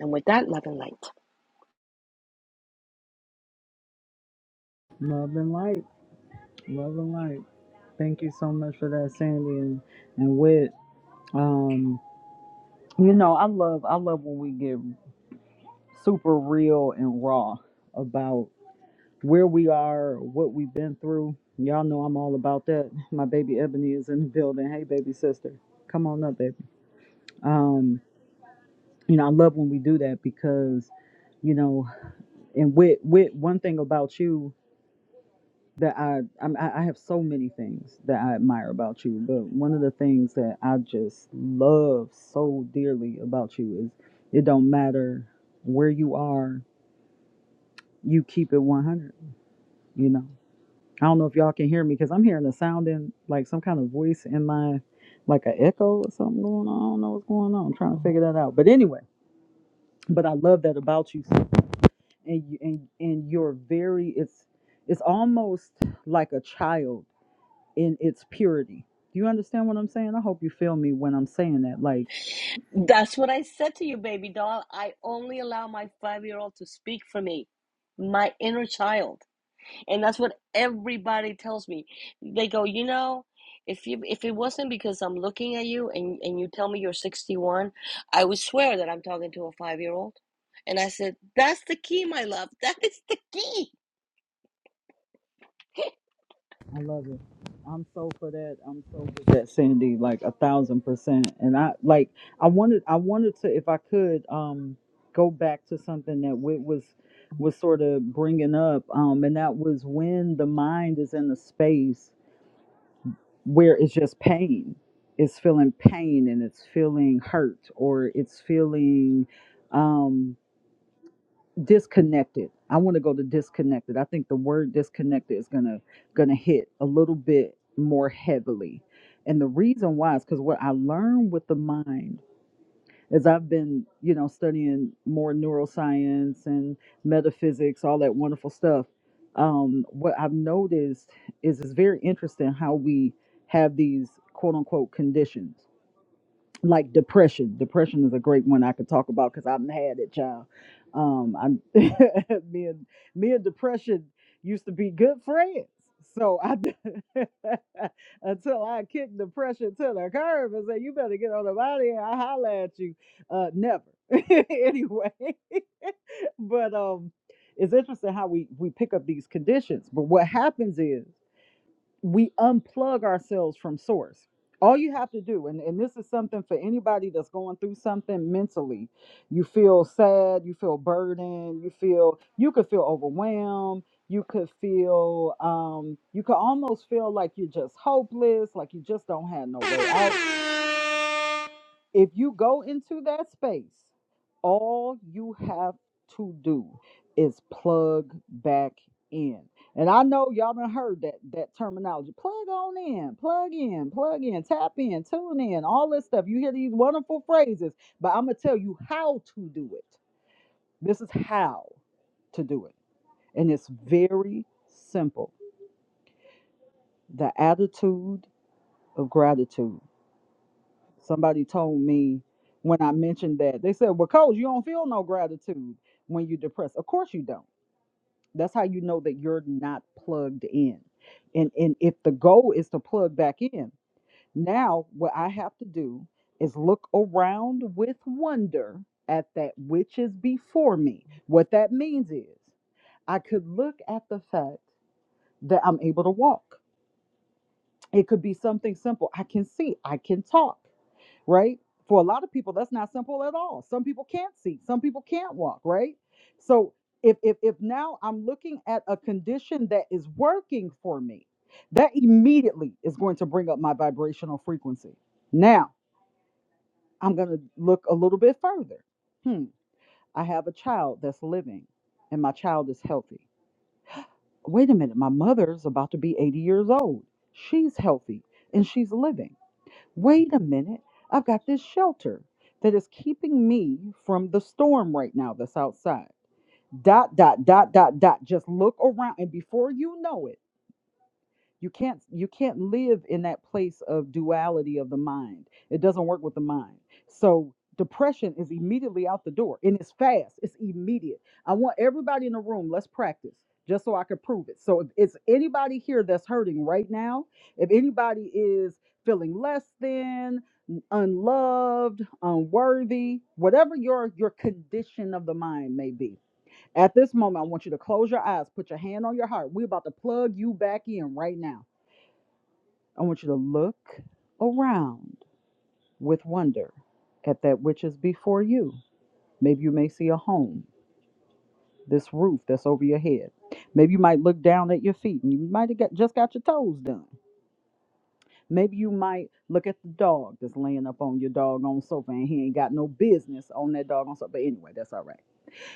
And with that, love and light. love and light. Love and light. Thank you so much for that, Sandy and, and Wit. Um, you know, I love I love when we get super real and raw about where we are, what we've been through. Y'all know I'm all about that. My baby Ebony is in the building. Hey, baby sister, come on up, baby. Um, you know, I love when we do that because, you know, and Wit, Wit, one thing about you that I I'm, I I have so many things that I admire about you, but one of the things that I just love so dearly about you is it don't matter where you are, you keep it 100. You know, I don't know if y'all can hear me because I'm hearing a sound in like some kind of voice in my like an echo or something going on. I don't know what's going on. I'm trying to figure that out. But anyway, but I love that about you, and you and and you're very it's it's almost like a child in its purity. Do you understand what I'm saying? I hope you feel me when I'm saying that. Like, That's what I said to you, baby doll. I only allow my five year old to speak for me, my inner child. And that's what everybody tells me. They go, you know, if you if it wasn't because I'm looking at you and, and you tell me you're 61, I would swear that I'm talking to a five year old. And I said, That's the key, my love. That is the key. I love it. I'm so for that. I'm so for that, Sandy. Like a thousand percent. And I like. I wanted. I wanted to, if I could, um, go back to something that Wit was was sort of bringing up, um, and that was when the mind is in a space where it's just pain. It's feeling pain and it's feeling hurt or it's feeling um, disconnected i want to go to disconnected i think the word disconnected is gonna gonna hit a little bit more heavily and the reason why is because what i learned with the mind is i've been you know studying more neuroscience and metaphysics all that wonderful stuff um, what i've noticed is it's very interesting how we have these quote unquote conditions like depression. Depression is a great one I could talk about because I've had it, child. Um, I'm me and me and depression used to be good friends. So I until I kicked depression to the curb and said, "You better get on the body here. I holler at you." Uh, never. anyway, but um, it's interesting how we we pick up these conditions. But what happens is we unplug ourselves from source. All you have to do, and, and this is something for anybody that's going through something mentally, you feel sad, you feel burdened, you feel you could feel overwhelmed, you could feel um you could almost feel like you're just hopeless, like you just don't have no way out if you go into that space, all you have to do is plug back in. And I know y'all done heard that that terminology. Plug on in, plug in, plug in, tap in, tune in, all this stuff. You hear these wonderful phrases, but I'm gonna tell you how to do it. This is how to do it. And it's very simple. The attitude of gratitude. Somebody told me when I mentioned that, they said, Well, coach, you don't feel no gratitude when you're depressed. Of course you don't. That's how you know that you're not plugged in. And and if the goal is to plug back in, now what I have to do is look around with wonder at that which is before me. What that means is I could look at the fact that I'm able to walk. It could be something simple. I can see, I can talk. right? For a lot of people, that's not simple at all. Some people can't see, some people can't walk, right? So if if if now I'm looking at a condition that is working for me, that immediately is going to bring up my vibrational frequency. Now I'm gonna look a little bit further. Hmm, I have a child that's living and my child is healthy. Wait a minute, my mother's about to be 80 years old. She's healthy and she's living Wait a minute. I've got this shelter that is keeping me from the storm right now that's outside. Dot, dot, dot, dot, dot. Just look around. And before you know it, you can't you can't live in that place of duality of the mind it doesn't work with the mind so depression is immediately out the door and it's fast it's immediate i want everybody in the room let's practice just so i can prove it so if it's anybody here that's hurting right now if anybody is feeling less than unloved unworthy whatever your your condition of the mind may be at this moment i want you to close your eyes put your hand on your heart we're about to plug you back in right now I want you to look around with wonder at that which is before you. Maybe you may see a home, this roof that's over your head. Maybe you might look down at your feet and you might have got, just got your toes done. Maybe you might look at the dog that's laying up on your doggone sofa and he ain't got no business on that doggone sofa. But anyway, that's all right.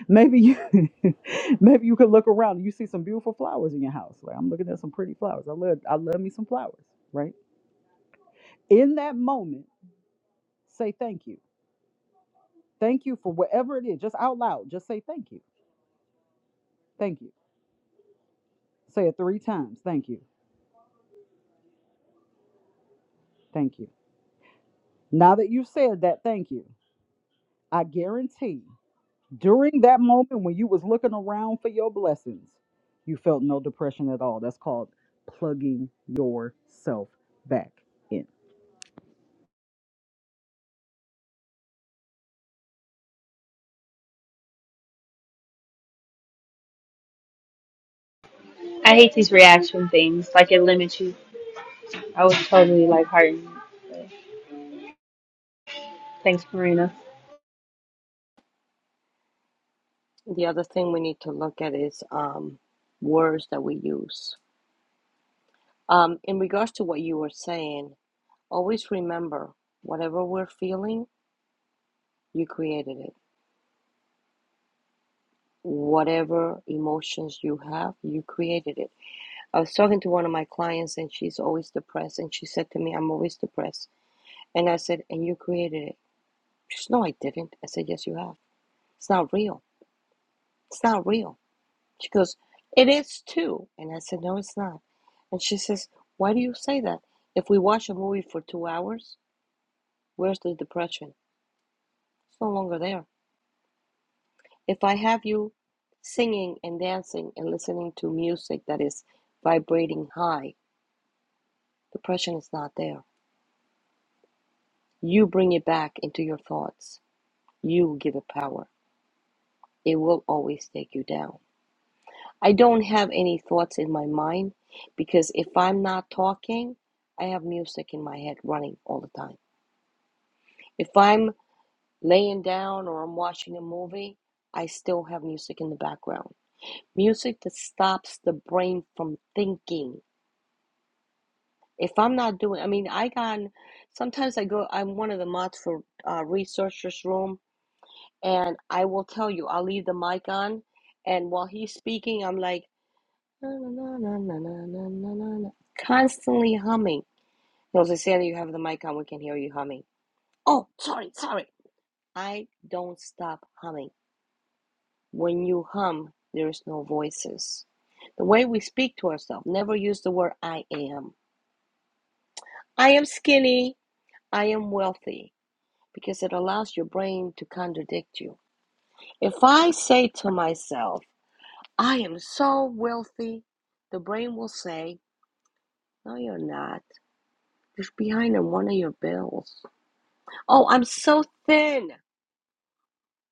Maybe you maybe you could look around and you see some beautiful flowers in your house. Like I'm looking at some pretty flowers. I love I love me some flowers, right? In that moment, say thank you Thank you for whatever it is. Just out loud, just say thank you. Thank you. Say it three times. Thank you. Thank you. Now that you said that, thank you. I guarantee during that moment when you was looking around for your blessings, you felt no depression at all. That's called plugging yourself back in. I hate these reaction things. Like it limits you. I was totally like hurting. Thanks, Marina. The other thing we need to look at is um, words that we use. Um, in regards to what you were saying, Always remember whatever we're feeling, you created it. Whatever emotions you have, you created it. I was talking to one of my clients and she's always depressed. And she said to me, I'm always depressed. And I said, And you created it. She said, No, I didn't. I said, Yes, you have. It's not real. It's not real. She goes, It is too. And I said, No, it's not. And she says, Why do you say that? If we watch a movie for two hours, where's the depression? It's no longer there If I have you singing and dancing and listening to music that is vibrating high, depression is not there. You bring it back into your thoughts. You give it power. It will always take you down. I don't have any thoughts in my mind because if I'm not talking, I have music in my head running all the time. If I'm laying down or I'm watching a movie, I still have music in the background. Music that stops the brain from thinking If I'm not doing, I mean, I got, sometimes I go, I'm one of the mods for uh, researchers room, and I will tell you, I'll leave the mic on, and while he's speaking, I'm like, na na na na na na na na, na," constantly humming. No, so Sandy, you have the mic on, we can hear you humming. Oh, sorry, sorry. I don't stop humming. When you hum, there's no voices. The way we speak to ourselves, never use the word I am. I am skinny. I am wealthy. because it allows your brain to contradict you. If I say to myself, I am so wealthy, the brain will say, No, you're not. You're behind on one of your bills. Oh, I'm so thin.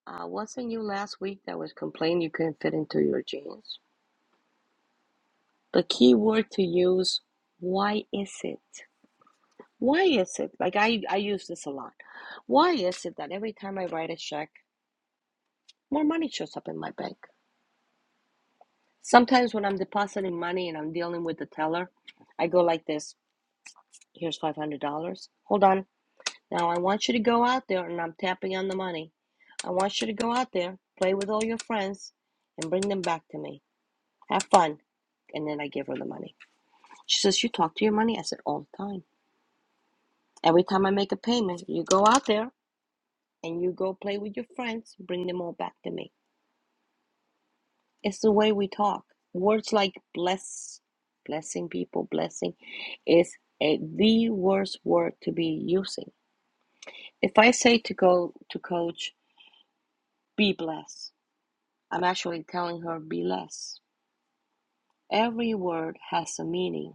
Uh, wasn't you last week that was complaining you couldn't fit into your jeans? The key word to use, why is it? Why is it? Like I, I use this a lot. Why is it that every time I write a check, more money shows up in my bank? Sometimes when I'm depositing money and I'm dealing with the teller, I go like this. Here's $500. Hold on. Now I want you to go out there and I'm tapping on the money. I want you to go out there, play with all your friends and bring them back to me. Have fun. And then I give her the money. She says, "You talk to your money." I said, "All the time. Every time I make a payment, you go out there and you go play with your friends, bring them all back to me." It's the way we talk. Words like bless, blessing people, blessing is a the worst word to be using. If I say to go to coach, be blessed, I'm actually telling her be less. Every word has a meaning.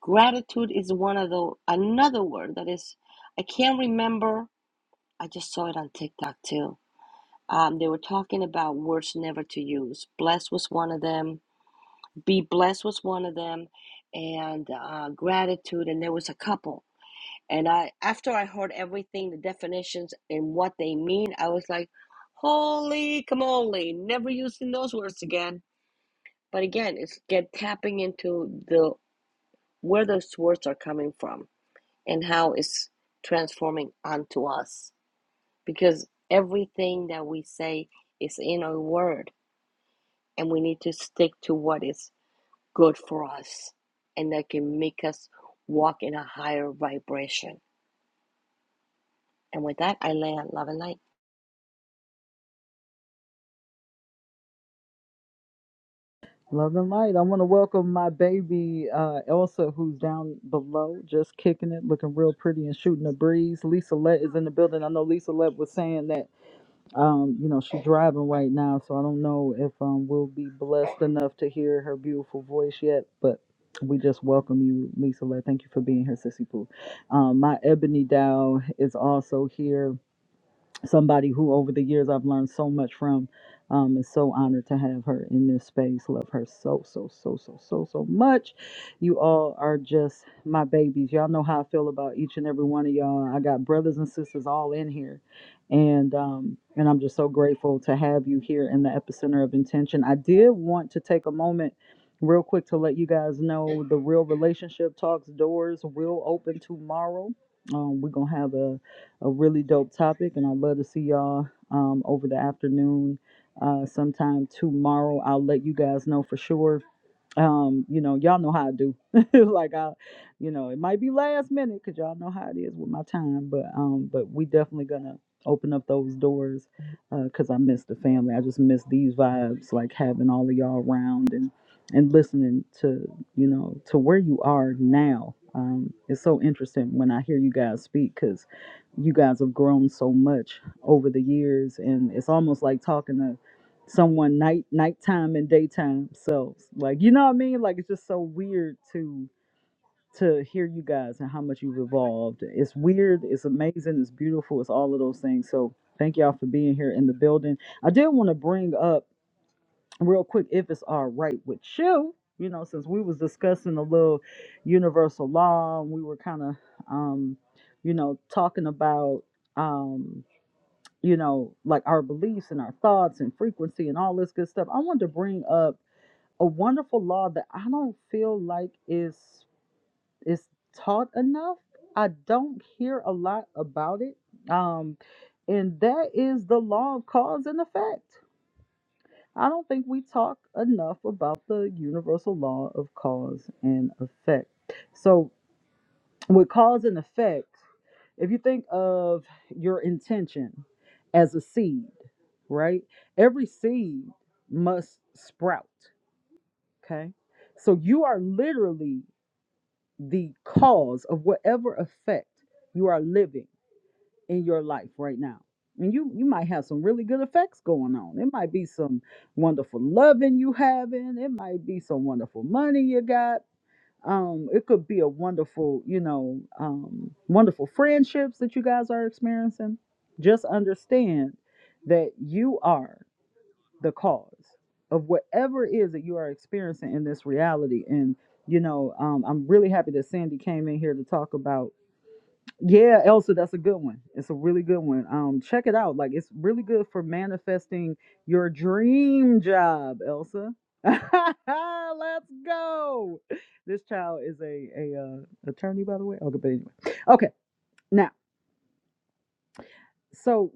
Gratitude is one of the another word that is I can't remember. I just saw it on TikTok too. Um, they were talking about words never to use. Bless was one of them Be Blessed was one of them, and uh, Gratitude, and there was a couple. And I, after I heard everything, the definitions and what they mean, I was like, "Holy camole! Never using those words again." But again, it's get tapping into the where those words are coming from and how it's transforming onto us, because everything that we say is in our word, and we need to stick to what is good for us and that can make us walk in a higher vibration. And with that, I land love and light. Love and light. I want to welcome my baby uh, Elsa, who's down below, just kicking it, looking real pretty and shooting a breeze. Lisa Lett is in the building. I know Lisa Lett was saying that Um, you know, she's driving right now, so I don't know if um we'll be blessed enough to hear her beautiful voice yet, but we just welcome you, Lisa. Lett. Thank you for being here, Sissy Pooh. Um, my ebony dow is also here somebody who over the years I've learned so much from. Um, and so honored to have her in this space. Love her so, so, so, so, so, so much. You all are just my babies. Y'all know how I feel about each and every one of y'all. I got brothers and sisters all in here. And um, and I'm just so grateful to have you here in the epicenter of intention. I did want to take a moment real quick to let you guys know the real relationship talks doors will open tomorrow. Um, we're gonna have a a really dope topic, and I'd love to see y'all um, over the afternoon uh, sometime tomorrow. I'll let you guys know for sure um you know y'all know how i do like i you know it might be last minute because y'all know how it is with my time but um but we definitely gonna open up those doors because i miss the family i just miss these vibes like having all of y'all around and and listening to you know to where you are now um it's so interesting when i hear you guys speak because you guys have grown so much over the years and it's almost like talking to someone night nighttime and daytime selves. Like you know what I mean? Like it's just so weird to to hear you guys and how much you've evolved. It's weird, it's amazing, it's beautiful, it's all of those things. So thank y'all for being here in the building. I did want to bring up real quick if it's all right with you. You know, since we was discussing a little universal law and we were kind of um, you know, talking about um you know, like our beliefs and our thoughts and frequency and all this good stuff. I wanted to bring up a wonderful law that I don't feel like is is taught enough. I don't hear a lot about it. Um, and that is the law of cause and effect. I don't think we talk enough about the universal law of cause and effect. So with cause and effect, If you think of your intention as a seed, right? Every seed must sprout, okay? So you are literally the cause of whatever effect you are living in your life right now. And you you might have some really good effects going on. It might be some wonderful loving you having. It might be some wonderful money you got um it could be a wonderful you know um wonderful friendships that you guys are experiencing just understand that you are the cause of whatever it is that you are experiencing in this reality and you know um, i'm really happy that sandy came in here to talk about yeah, Elsa, that's a good one. It's a really good one. Um, check it out. Like it's really good for manifesting your dream job, Elsa. Let's go. This child is a a uh, attorney, by the way. Okay, but anyway. Okay, now so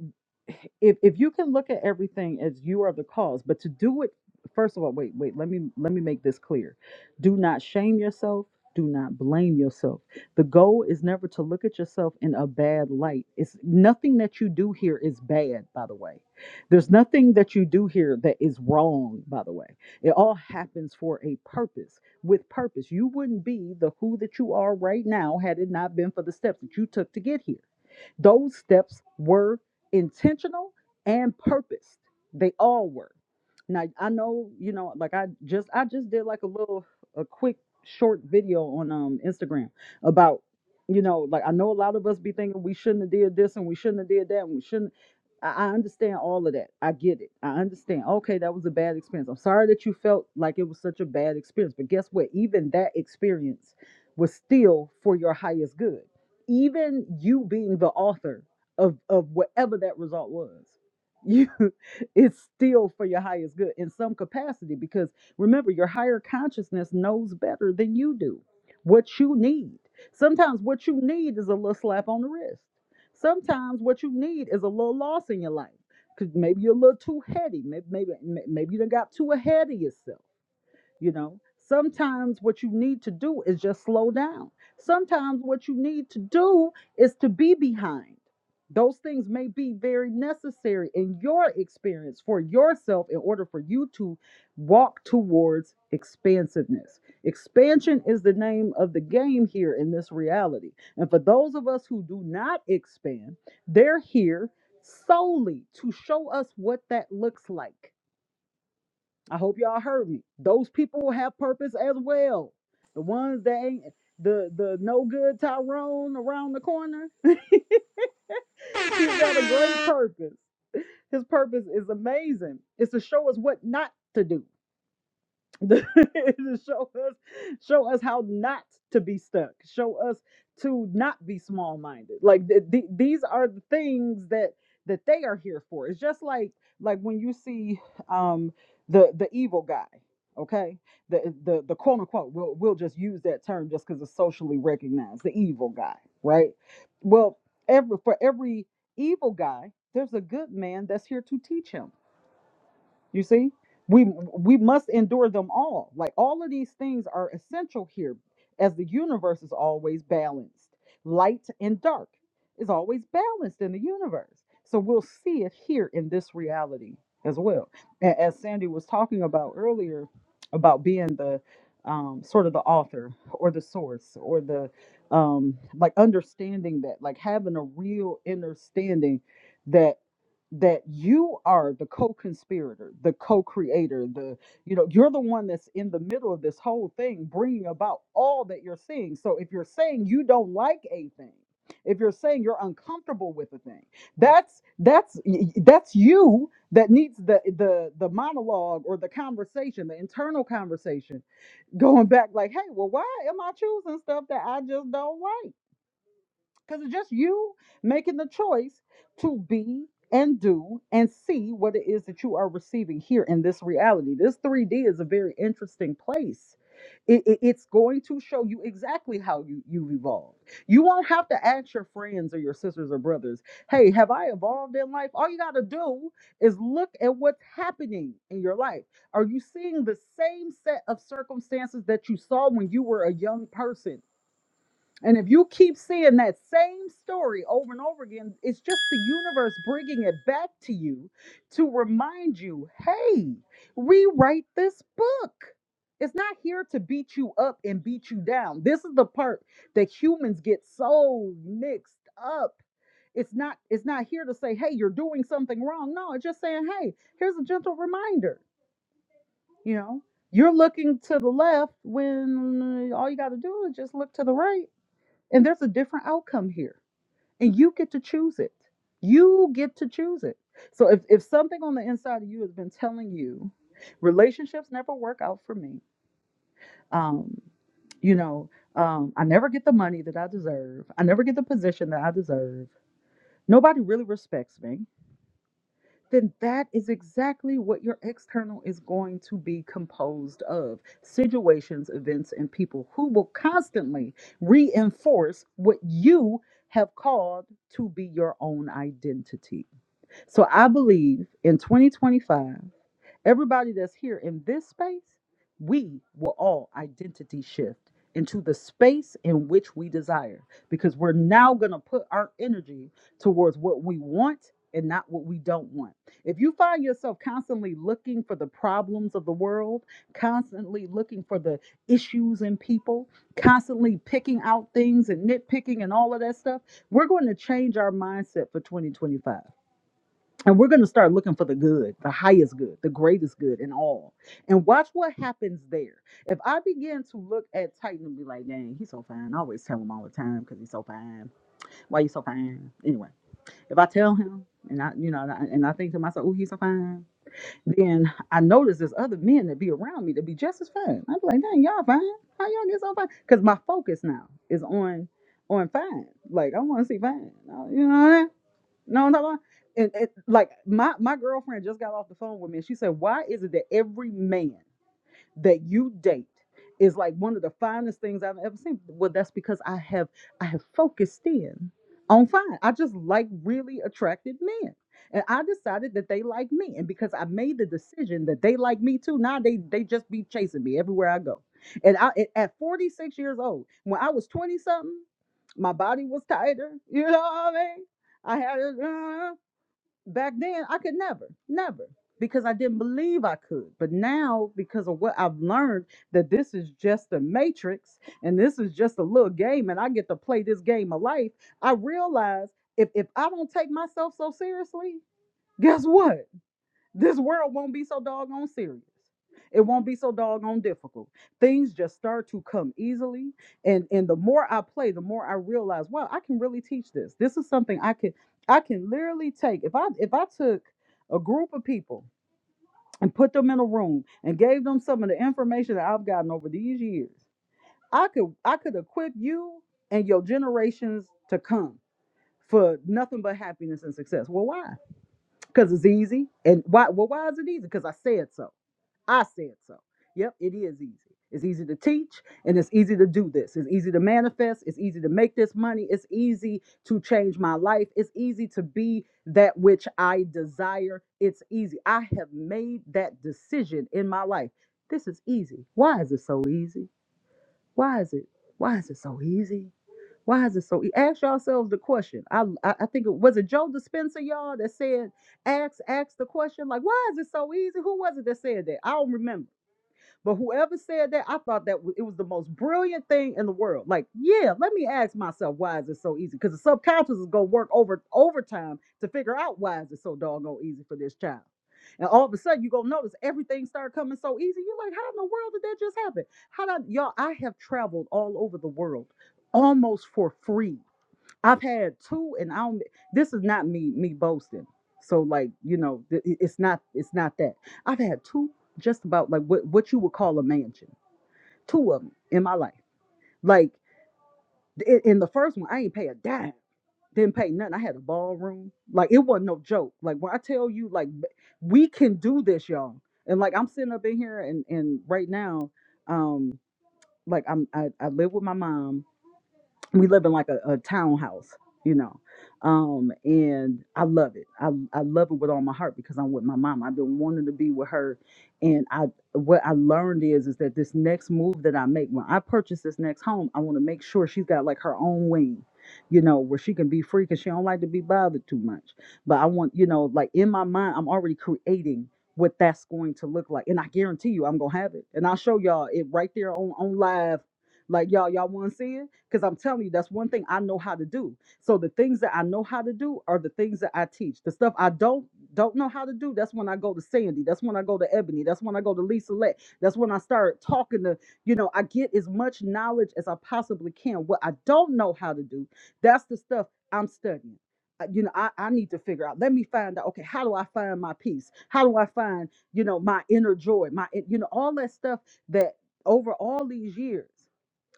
if if you can look at everything as you are the cause, but to do it first of all, wait, wait, let me let me make this clear. Do not shame yourself. Do not blame yourself. The goal is never to look at yourself in a bad light. It's nothing that you do here is bad, by the way. There's nothing that you do here that is wrong, by the way. It all happens for a purpose, with purpose. You wouldn't be the who that you are right now had it not been for the steps that you took to get here. Those steps were intentional and purposed. They all were. Now I know, you know, like I just I just did like a little a quick short video on um Instagram about, you know, like I know a lot of us be thinking we shouldn't have did this and we shouldn't have did that and we shouldn't I I understand all of that. I get it. I understand. Okay, that was a bad experience. I'm sorry that you felt like it was such a bad experience. But guess what? Even that experience was still for your highest good even you being the author of of whatever that result was you it's still for your highest good in some capacity because remember your higher consciousness knows better than you do what you need sometimes what you need is a little slap on the wrist sometimes what you need is a little loss in your life because maybe you're a little too heady maybe maybe maybe you done got too ahead of yourself you know, sometimes what you need to do is just slow down. Sometimes what you need to do is to be behind. Those things may be very necessary in your experience for yourself in order for you to walk towards expansiveness. Expansion is the name of the game here in this reality. And for those of us who do not expand, they're here solely to show us what that looks like I hope y'all heard me. Those people have purpose as well. The ones that ain't the the no good Tyrone around the corner. He's got a great purpose. His purpose is amazing. It's to show us what not to do. to show us show us how not to be stuck show us to not be small minded like th- th- these are the things that that they are here for it's just like like when you see um the the evil guy okay the the the quote unquote we'll, we'll just use that term just because it's socially recognized the evil guy right well every for every evil guy there's a good man that's here to teach him you see, we we must endure them all. Like all of these things are essential here, as the universe is always balanced. Light and dark is always balanced in the universe. So we'll see it here in this reality as well. A- As Sandy was talking about earlier, about being the um, sort of the author or the source or the um, like understanding that, like having a real understanding that you are the co-conspirator the co-creator the you know you're the one that's in the middle of this whole thing bringing about all that you're seeing so if you're saying you don't like a thing if you're saying you're uncomfortable with a thing that's that's y- y- that's you that needs the the the monologue or the conversation the internal conversation going back like hey well why am i choosing stuff that i just don't like because it's just you making the choice to be and do and see what it is that you are receiving here in this reality. This 3D is a very interesting place. It, it- it's going to show you exactly how you, you've evolved. You won't have to ask your friends or your sisters or brothers, hey, have I evolved in life? All you got to do is look at what's happening in your life. Are you seeing the same set of circumstances that you saw when you were a young person? And if you keep seeing that same story over and over again, it's just the universe bringing it back to you to remind you hey, rewrite this book. It's not here to beat you up and beat you down. This is the part that humans get so mixed up. It's not it's not here to say, "Hey, you're doing something wrong." No, it's just saying, "Hey, here's a gentle reminder." You know, you're looking to the left when uh, all you got to do is just look to the right and there's a different outcome here. And you get to choose it. You get to choose it. So if, if something on the inside of you has been telling you, relationships never work out for me. Um, you know, um, I never get the money that I deserve. I never get the position that I deserve. Nobody really respects me then that is exactly what your external is going to be composed of situations, events, and people who will constantly reinforce what you have called to be your own identity. So I believe in 2025. Everybody that's here in this space, we will all identity shift into the space in which we desire because we're now going to put our energy towards what we want and not what we don't want. If you find yourself constantly looking for the problems of the world, constantly looking for the issues in people, constantly picking out things and nitpicking and all of that stuff, we're going to change our mindset for 2025. And we're going to start looking for the good, the highest good, the greatest good in all. And watch what happens there. If I begin to look at Titan and be like, dang, he's so fine. I always tell him all the time because he's so fine. Why you so fine? Anyway, if I tell him and I, you know, and I, and I think to myself, oh, he's so fine, then I notice there's other men that be around me that be just as fine. I'm like, dang, y'all fine. How y'all get so fine? Because my focus now is on on fine. Like I want to see fine. You know, what I mean? No, no, no. And, and like my my girlfriend just got off the phone with me, and she said, "Why is it that every man?" that you date is like one of the finest things I've ever seen. Well, that's because I have I have focused in on fine. I just like really attractive men. And I decided that they like me. And because I made the decision that they like me too, now they they just be chasing me everywhere I go. And I at at 46 years old, when I was 20 something, my body was tighter. You know what I mean? I had it back then I could never, never, because I didn't believe I could. But now, because of what I've learned, that this is just a matrix and this is just a little game, and I get to play this game of life, I realize if, if I don't take myself so seriously, guess what? This world won't be so doggone serious. It won't be so doggone difficult. Things just start to come easily. And and the more I play, the more I realize, wow, I can really teach this. This is something I can I can literally take. If I if I took a group of people and put them in a room and gave them some of the information that I've gotten over these years, I could I could equip you and your generations to come for nothing but happiness and success. Well, why? Because it's easy. And why well, why is it easy? Because I said so. I said so. Yep, it is easy. It's easy to teach and it's easy to do this. It's easy to manifest. It's easy to make this money. It's easy to change my life. It's easy to be that which I desire. It's easy. I have made that decision in my life. This is easy. Why is it so easy? Why is it? Why is it so easy? Why is it so? easy? Ask yourselves the question. I I, I think it was it Joe Dispenza, y'all, that said ask ask the question like, why is it so easy? Who was it that said that? I don't remember but whoever said that, I thought that w- it was the most brilliant thing in the world. Like, yeah, let me ask myself why is it so easy? Because the subconscious is gonna work over overtime to figure out why is it so doggone easy for this child. And all of a sudden, you're gonna notice everything started coming so easy. You're like, how in the world did that just happen? How did y'all? I have traveled all over the world almost for free I've had two, and I don't. This is not me me boasting. So like you know, th- it- it's not it's not that I've had two just about like what what you would call a mansion. Two of them in my life. Like in, in the first one, I ain't pay a dime. Didn't pay nothing. I had a ballroom. Like it wasn't no joke. Like when I tell you, like b- we can do this, y'all. And like I'm sitting up in here, and and right now, um, like I'm I, I live with my mom we live in like a, a townhouse, you know. Um, and I love it. I, I love it with all my heart because I'm with my mom. I've been wanting to be with her. And I what I learned is is that this next move that I make when I purchase this next home, I want to make sure she's got like her own wing, you know, where she can be free because she don't like to be bothered too much. But I want, you know, like in my mind, I'm already creating what that's going to look like. And I guarantee you I'm gonna have it. And I'll show y'all it right there on, on live. Like y'all, y'all wanna see it? Because I'm telling you, that's one thing I know how to do. So the things that I know how to do are the things that I teach. The stuff I don't don't know how to do, that's when I go to Sandy. That's when I go to Ebony. That's when I go to Lisa Let. That's when I start talking to, you know, I get as much knowledge as I possibly can. What I don't know how to do, that's the stuff I'm studying. Uh, You know, I, I need to figure out. Let me find out. Okay, how do I find my peace? How do I find, you know, my inner joy? My, you know, all that stuff that over all these years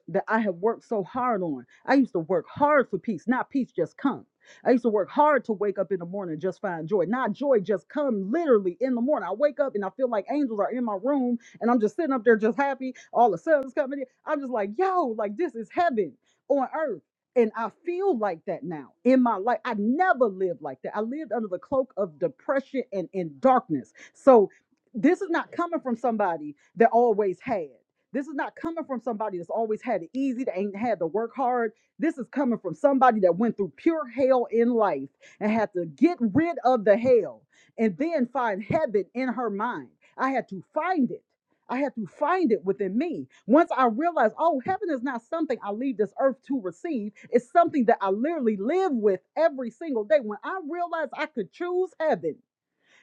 that I have worked so hard on. I used to work hard for peace, not peace just come. I used to work hard to wake up in the morning and just find joy. Not joy just come literally in the morning. I wake up and I feel like angels are in my room and I'm just sitting up there just happy. All the sun's coming in. I'm just like, yo, like this is heaven on earth. And I feel like that now in my life. I never lived like that. I lived under the cloak of depression and in darkness. So this is not coming from somebody that always had. This is not coming from somebody that's always had it easy, that ain't had to work hard. This is coming from somebody that went through pure hell in life and had to get rid of the hell and then find heaven in her mind. I had to find it. I had to find it within me. Once I realized, oh, heaven is not something I leave this earth to receive, it's something that I literally live with every single day. When I realized I could choose heaven,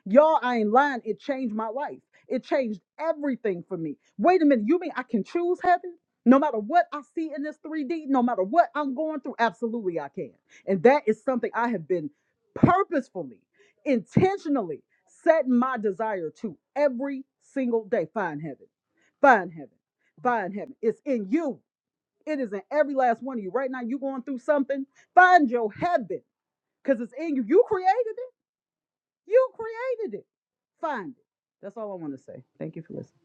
Y'all, I ain't lying. It changed my life. It changed everything for me. Wait a minute. You mean I can choose heaven? No matter what I see in this 3D, no matter what I'm going through, absolutely I can. And that is something I have been purposefully, intentionally setting my desire to every single day. Find heaven, find heaven, find heaven. It's in you. It is in every last one of you. Right now, you going through something. Find your heaven because it's in you. You created it. You created it. Find it. That's all I want to say. Thank you for listening.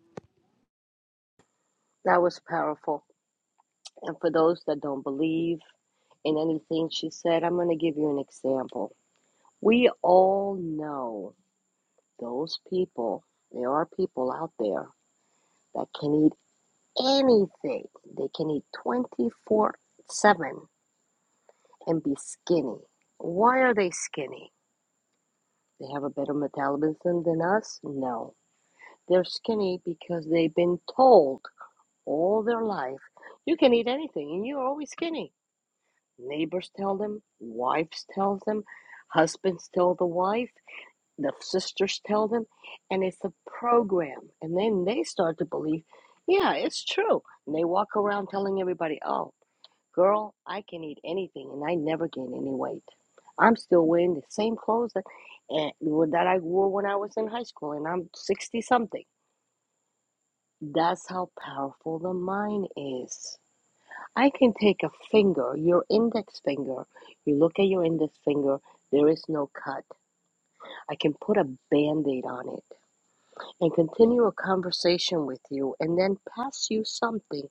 That was powerful. And for those that don't believe in anything she said, I'm going to give you an example. We all know those people, there are people out there that can eat anything, they can eat 24 7 and be skinny. Why are they skinny? They have a better metabolism than us? No They're skinny because they've been told all their life, you can eat anything and you're always skinny. Neighbors tell them, wives tells them, husbands tell the wife, the sisters tell them, and it's a program. And then they start to believe, yeah, it's true. And they walk around telling everybody, oh, girl, I can eat anything and I never gain any weight. I'm still wearing the same clothes that, and that I wore when I was in high school and I'm 60 something. That's how powerful the mind is. I can take a finger, your index finger. You look at your index finger, there is no cut. I can put a band aid on it and continue a conversation with you and then pass you something,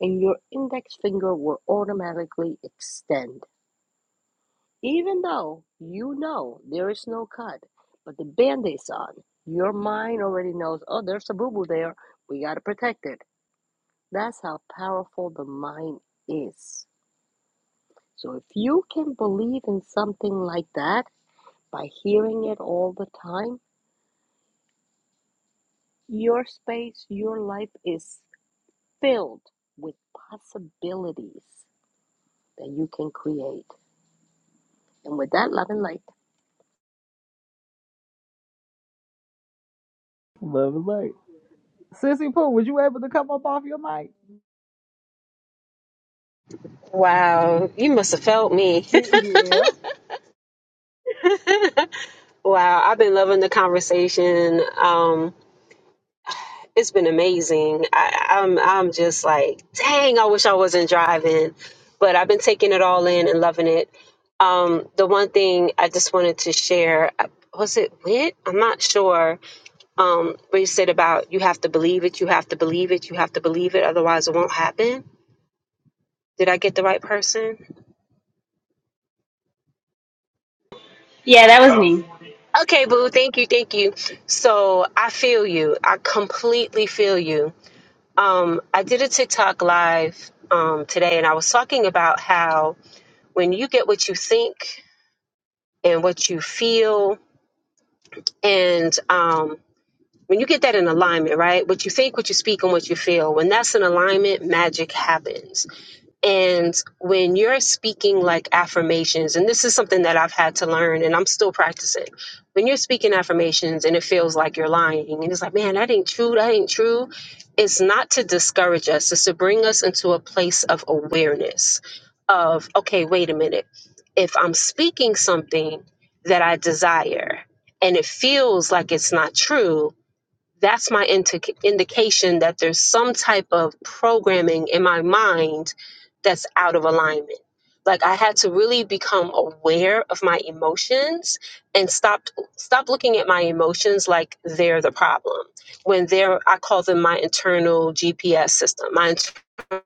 and your index finger will automatically extend. Even though you know there is no cut, but the band aid's on, your mind already knows, oh, there's a boo boo there. We got to protect it. That's how powerful the mind is. So if you can believe in something like that by hearing it all the time, your space, your life is filled with possibilities that you can create. And with that, love and light. Love and light. Sissy Pooh, was you able to come up off your mic? Wow, you must have felt me. yeah. wow, I've been loving the conversation. Um, it's been amazing. I, I'm I'm just like, dang, I wish I wasn't driving, but I've been taking it all in and loving it. Um, the one thing I just wanted to share uh, was it Wit? I'm not sure. Um, where you said about you have to believe it, you have to believe it, you have to believe it, otherwise it won't happen. Did I get the right person? Yeah, that was me. Okay, boo. Thank you. Thank you. So I feel you. I completely feel you. Um, I did a TikTok live um, today and I was talking about how when you get what you think and what you feel, and um, when you get that in alignment, right? What you think, what you speak, and what you feel, when that's in alignment, magic happens. And when you're speaking like affirmations, and this is something that I've had to learn and I'm still practicing, when you're speaking affirmations and it feels like you're lying, and it's like, man, that ain't true, that ain't true, it's not to discourage us, it's to bring us into a place of awareness of, okay, wait a minute, if I'm speaking something that I desire and it feels like it's not true, that's my indic indication that there's some type of programming in my mind that's out of alignment. Like I had to really become aware of my emotions and stop stop looking at my emotions like they're the problem. When they're I call them my internal GPS system, my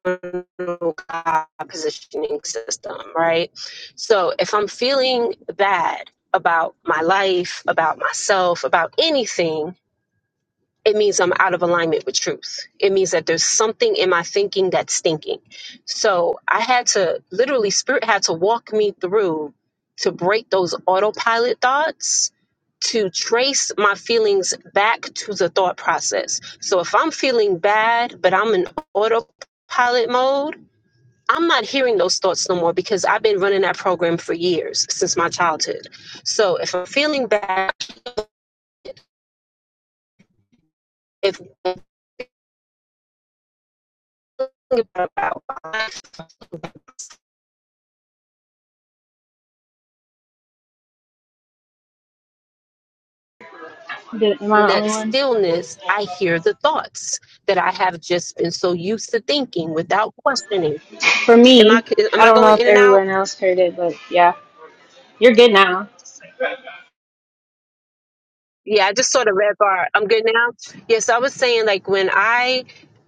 internal God positioning system, right? So if I'm feeling bad about my life, about myself, about anything, it means I'm out of alignment with truth. It means that there's something in my thinking that's stinking. So I had to literally, Spirit had to walk me through to break those autopilot thoughts, to trace my feelings back to the thought process. So if I'm feeling bad, but I'm in autopilot mode, I'm not hearing those thoughts no more because I've been running that program for years since my childhood. So if I'm feeling bad, if I'm thinking about Did, am I in the only that one? stillness, I hear the thoughts that I have just been so used to thinking without questioning. For Am I me, am I I don't know going if in and out? everyone else heard it, but yeah. You're good now. Yeah, I just sort of red bar. I'm good now. Yes, I was saying like when I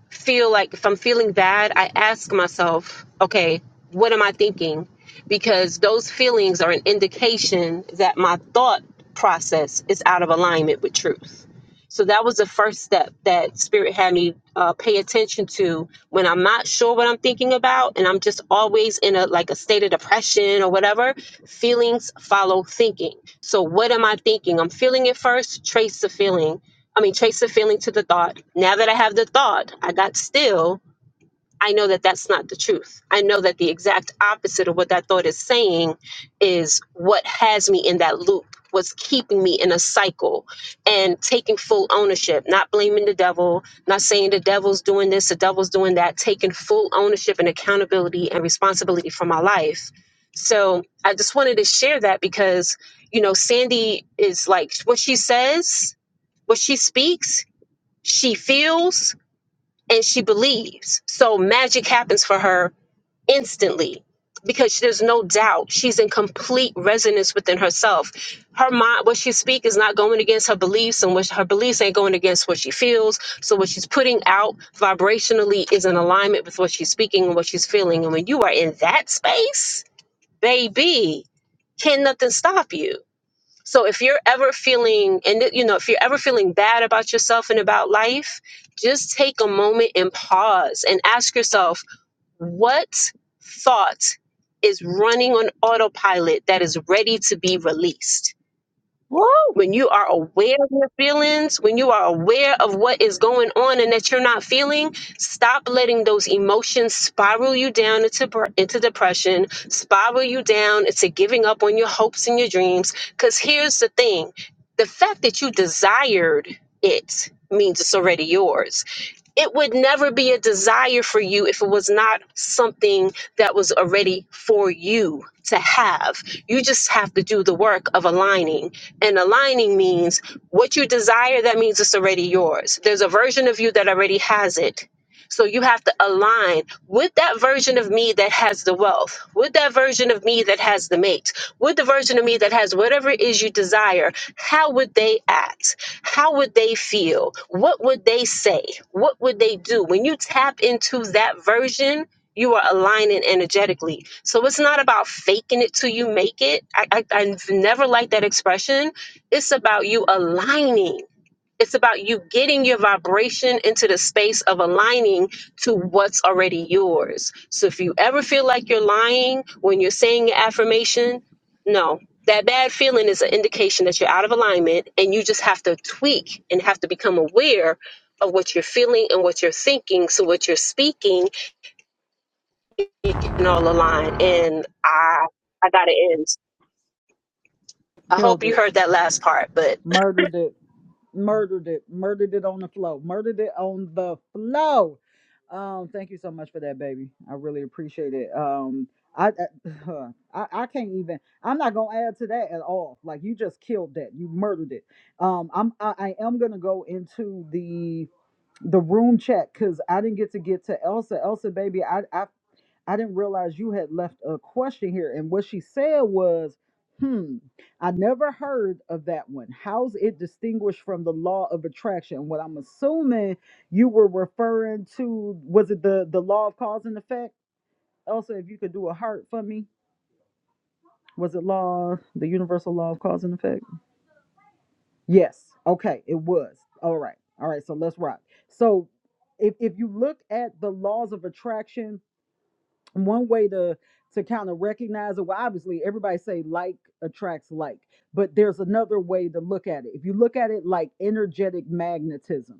feel like if I'm feeling bad, I ask myself, okay, what am I thinking? Because those feelings are an indication that my thought process is out of alignment with truth. So that was the first step that Spirit had me uh, pay attention to when I'm not sure what I'm thinking about, and I'm just always in a like a state of depression or whatever. Feelings follow thinking. So what am I thinking? I'm feeling it first. Trace the feeling. I mean, trace the feeling to the thought. Now that I have the thought, I got still I know that that's not the truth. I know that the exact opposite of what that thought is saying is what has me in that loop, what's keeping me in a cycle and taking full ownership, not blaming the devil, not saying the devil's doing this, the devil's doing that, taking full ownership and accountability and responsibility for my life. So I just wanted to share that because, you know, Sandy is like what she says, what she speaks, she feels, and she believes. So magic happens for her instantly because there's no doubt she's in complete resonance within herself. Her mind, what she speaks is not going against her beliefs, and what her beliefs ain't going against what she feels. So what she's putting out vibrationally is in alignment with what she's speaking and what she's feeling. And when you are in that space, baby, can nothing stop you? So if you're ever feeling and you know if you're ever feeling bad about yourself and about life, just take a moment and pause and ask yourself what thought is running on autopilot that is ready to be released Woo! when you are aware of your feelings, when you are aware of what is going on and that you're not feeling, stop letting those emotions spiral you down into br- into depression, spiral you down into giving up on your hopes and your dreams. Because here's the thing: the fact that you desired it means it's already yours it would never be a desire for you if it was not something that was already for you to have. You just have to do the work of aligning. And aligning means what you desire, that means it's already yours. There's a version of you that already has it. So you have to align with that version of me that has the wealth, with that version of me that has the mate, with the version of me that has whatever it is you desire. How would they act? how would they feel? What would they say? What would they do? When you tap into that version, you are aligning energetically. So it's not about faking it till you make it. I, I, I've never liked that expression. It's about you aligning. It's about you getting your vibration into the space of aligning to what's already yours. So if you ever feel like you're lying when you're saying your affirmation, no. That bad feeling is an indication that you're out of alignment and you just have to tweak and have to become aware of what you're feeling and what you're thinking. So what you're speaking, it can all align. And I I gotta end. I hope Killed you it. heard that last part, but Murdered it. Murdered it. Murdered it on the flow. Murdered it on the flow. Um, thank you so much for that, baby. I really appreciate it. Um, I, I, I I can't even. I'm not gonna add to that at all. Like you just killed that. You murdered it. Um, I'm I, I am gonna go into the the room chat because I didn't get to get to Elsa. Elsa, baby, I, I I didn't realize you had left a question here, and what she said was, "Hmm, I never heard of that one. How's it distinguished from the law of attraction?" What I'm assuming you were referring to was it the the law of cause and effect? Elsa, if you could do a heart for me, was it law the universal law of cause and effect? Yes. Okay. It was. All right. All right. So let's rock. So if if you look at the laws of attraction, one way to to kind of recognize it, well, obviously everybody say like attracts like, but there's another way to look at it. If you look at it like energetic magnetism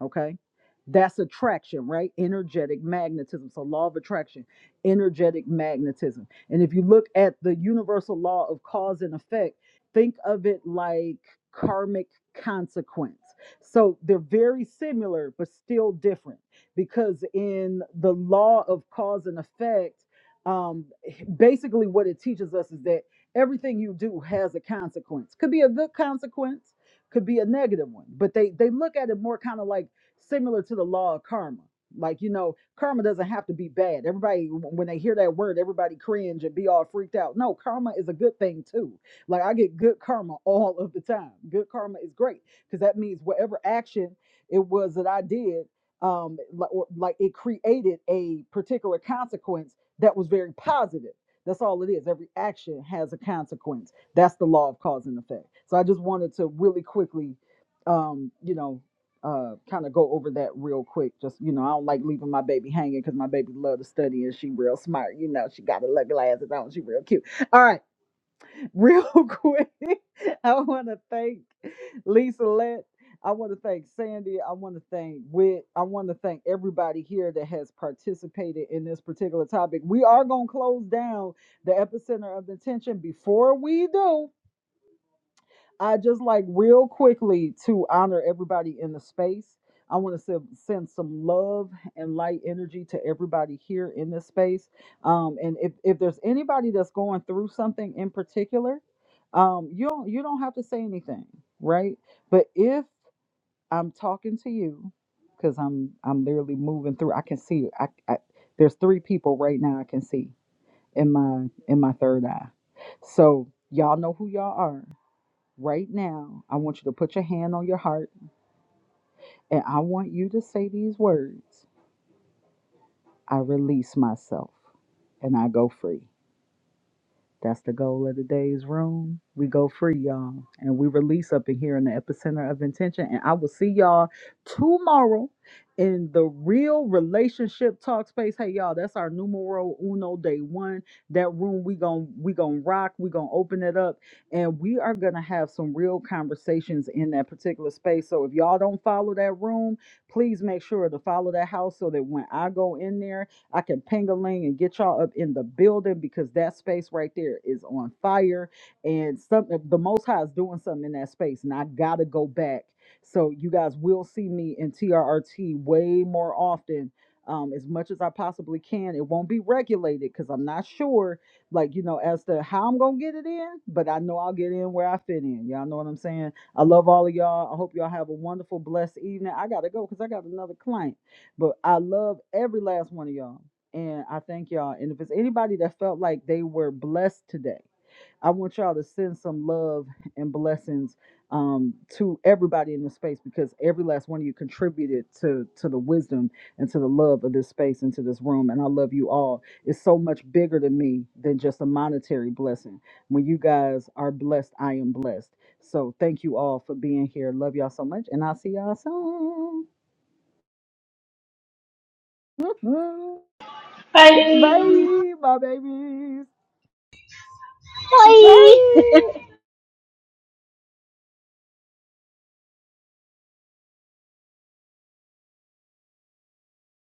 okay that's attraction right energetic magnetism so law of attraction energetic magnetism and if you look at the universal law of cause and effect think of it like karmic consequence so they're very similar but still different because in the law of cause and effect um basically what it teaches us is that everything you do has a consequence could be a good consequence could be a negative one but they they look at it more kind of like similar to the law of karma. Like, you know, karma doesn't have to be bad. Everybody, when they hear that word, everybody cringe and be all freaked out. No, karma is a good thing too. Like, I get good karma all of the time. Good karma is great because that means whatever action it was that I did, um, like, or, like it created a particular consequence that was very positive. That's all it is. Every action has a consequence. That's the law of cause and effect. So I just wanted to really quickly um, you know, uh kind of go over that real quick just you know i don't like leaving my baby hanging because my baby love to study and she real smart you know she got her little glasses on she real cute all right real quick i want to thank lisa let i want to thank sandy i want to thank wit i want to thank everybody here that has participated in this particular topic we are going to close down the epicenter of the tension before we do I just like real quickly to honor everybody in the space. I want to send, some love and light energy to everybody here in this space. Um, and if, if there's anybody that's going through something in particular, um, you don't you don't have to say anything, right? But if I'm talking to you, because I'm I'm literally moving through, I can see I, I there's three people right now I can see in my in my third eye. So y'all know who y'all are Right now, I want you to put your hand on your heart and I want you to say these words I release myself and I go free. That's the goal of today's room. We go free, y'all, and we release up in here in the epicenter of intention. And I will see y'all tomorrow in the real relationship talk space. Hey, y'all, that's our numero uno day one. That room we gon' we gon' rock. We gonna open it up, and we are gonna have some real conversations in that particular space. So if y'all don't follow that room, please make sure to follow that house so that when I go in there I can ping a ling and get y'all up in the building because that space right there is on fire. And something the most high is doing something in that space. And I gotta go back. So you guys will see me in TRRT way more often. Um, as much as I possibly can. It won't be regulated because I'm not sure, like, you know, as to how I'm gonna get it in, but I know I'll get in where I fit in. Y'all know what I'm saying? I love all of y'all. I hope y'all have a wonderful, blessed evening. I gotta go because I got another client. But I love every last one of y'all. And I thank y'all. And if it's anybody that felt like they were blessed today, I want y'all to send some love and blessings um, to everybody in the space because every last one of you contributed to to the wisdom and to the love of this space and to this room. And I love you all. It's so much bigger to me than just a monetary blessing. When you guys are blessed, I am blessed. So thank you all for being here. Love y'all so much, and I'll see y'all soon. Bye. Bye, my babies. Bye.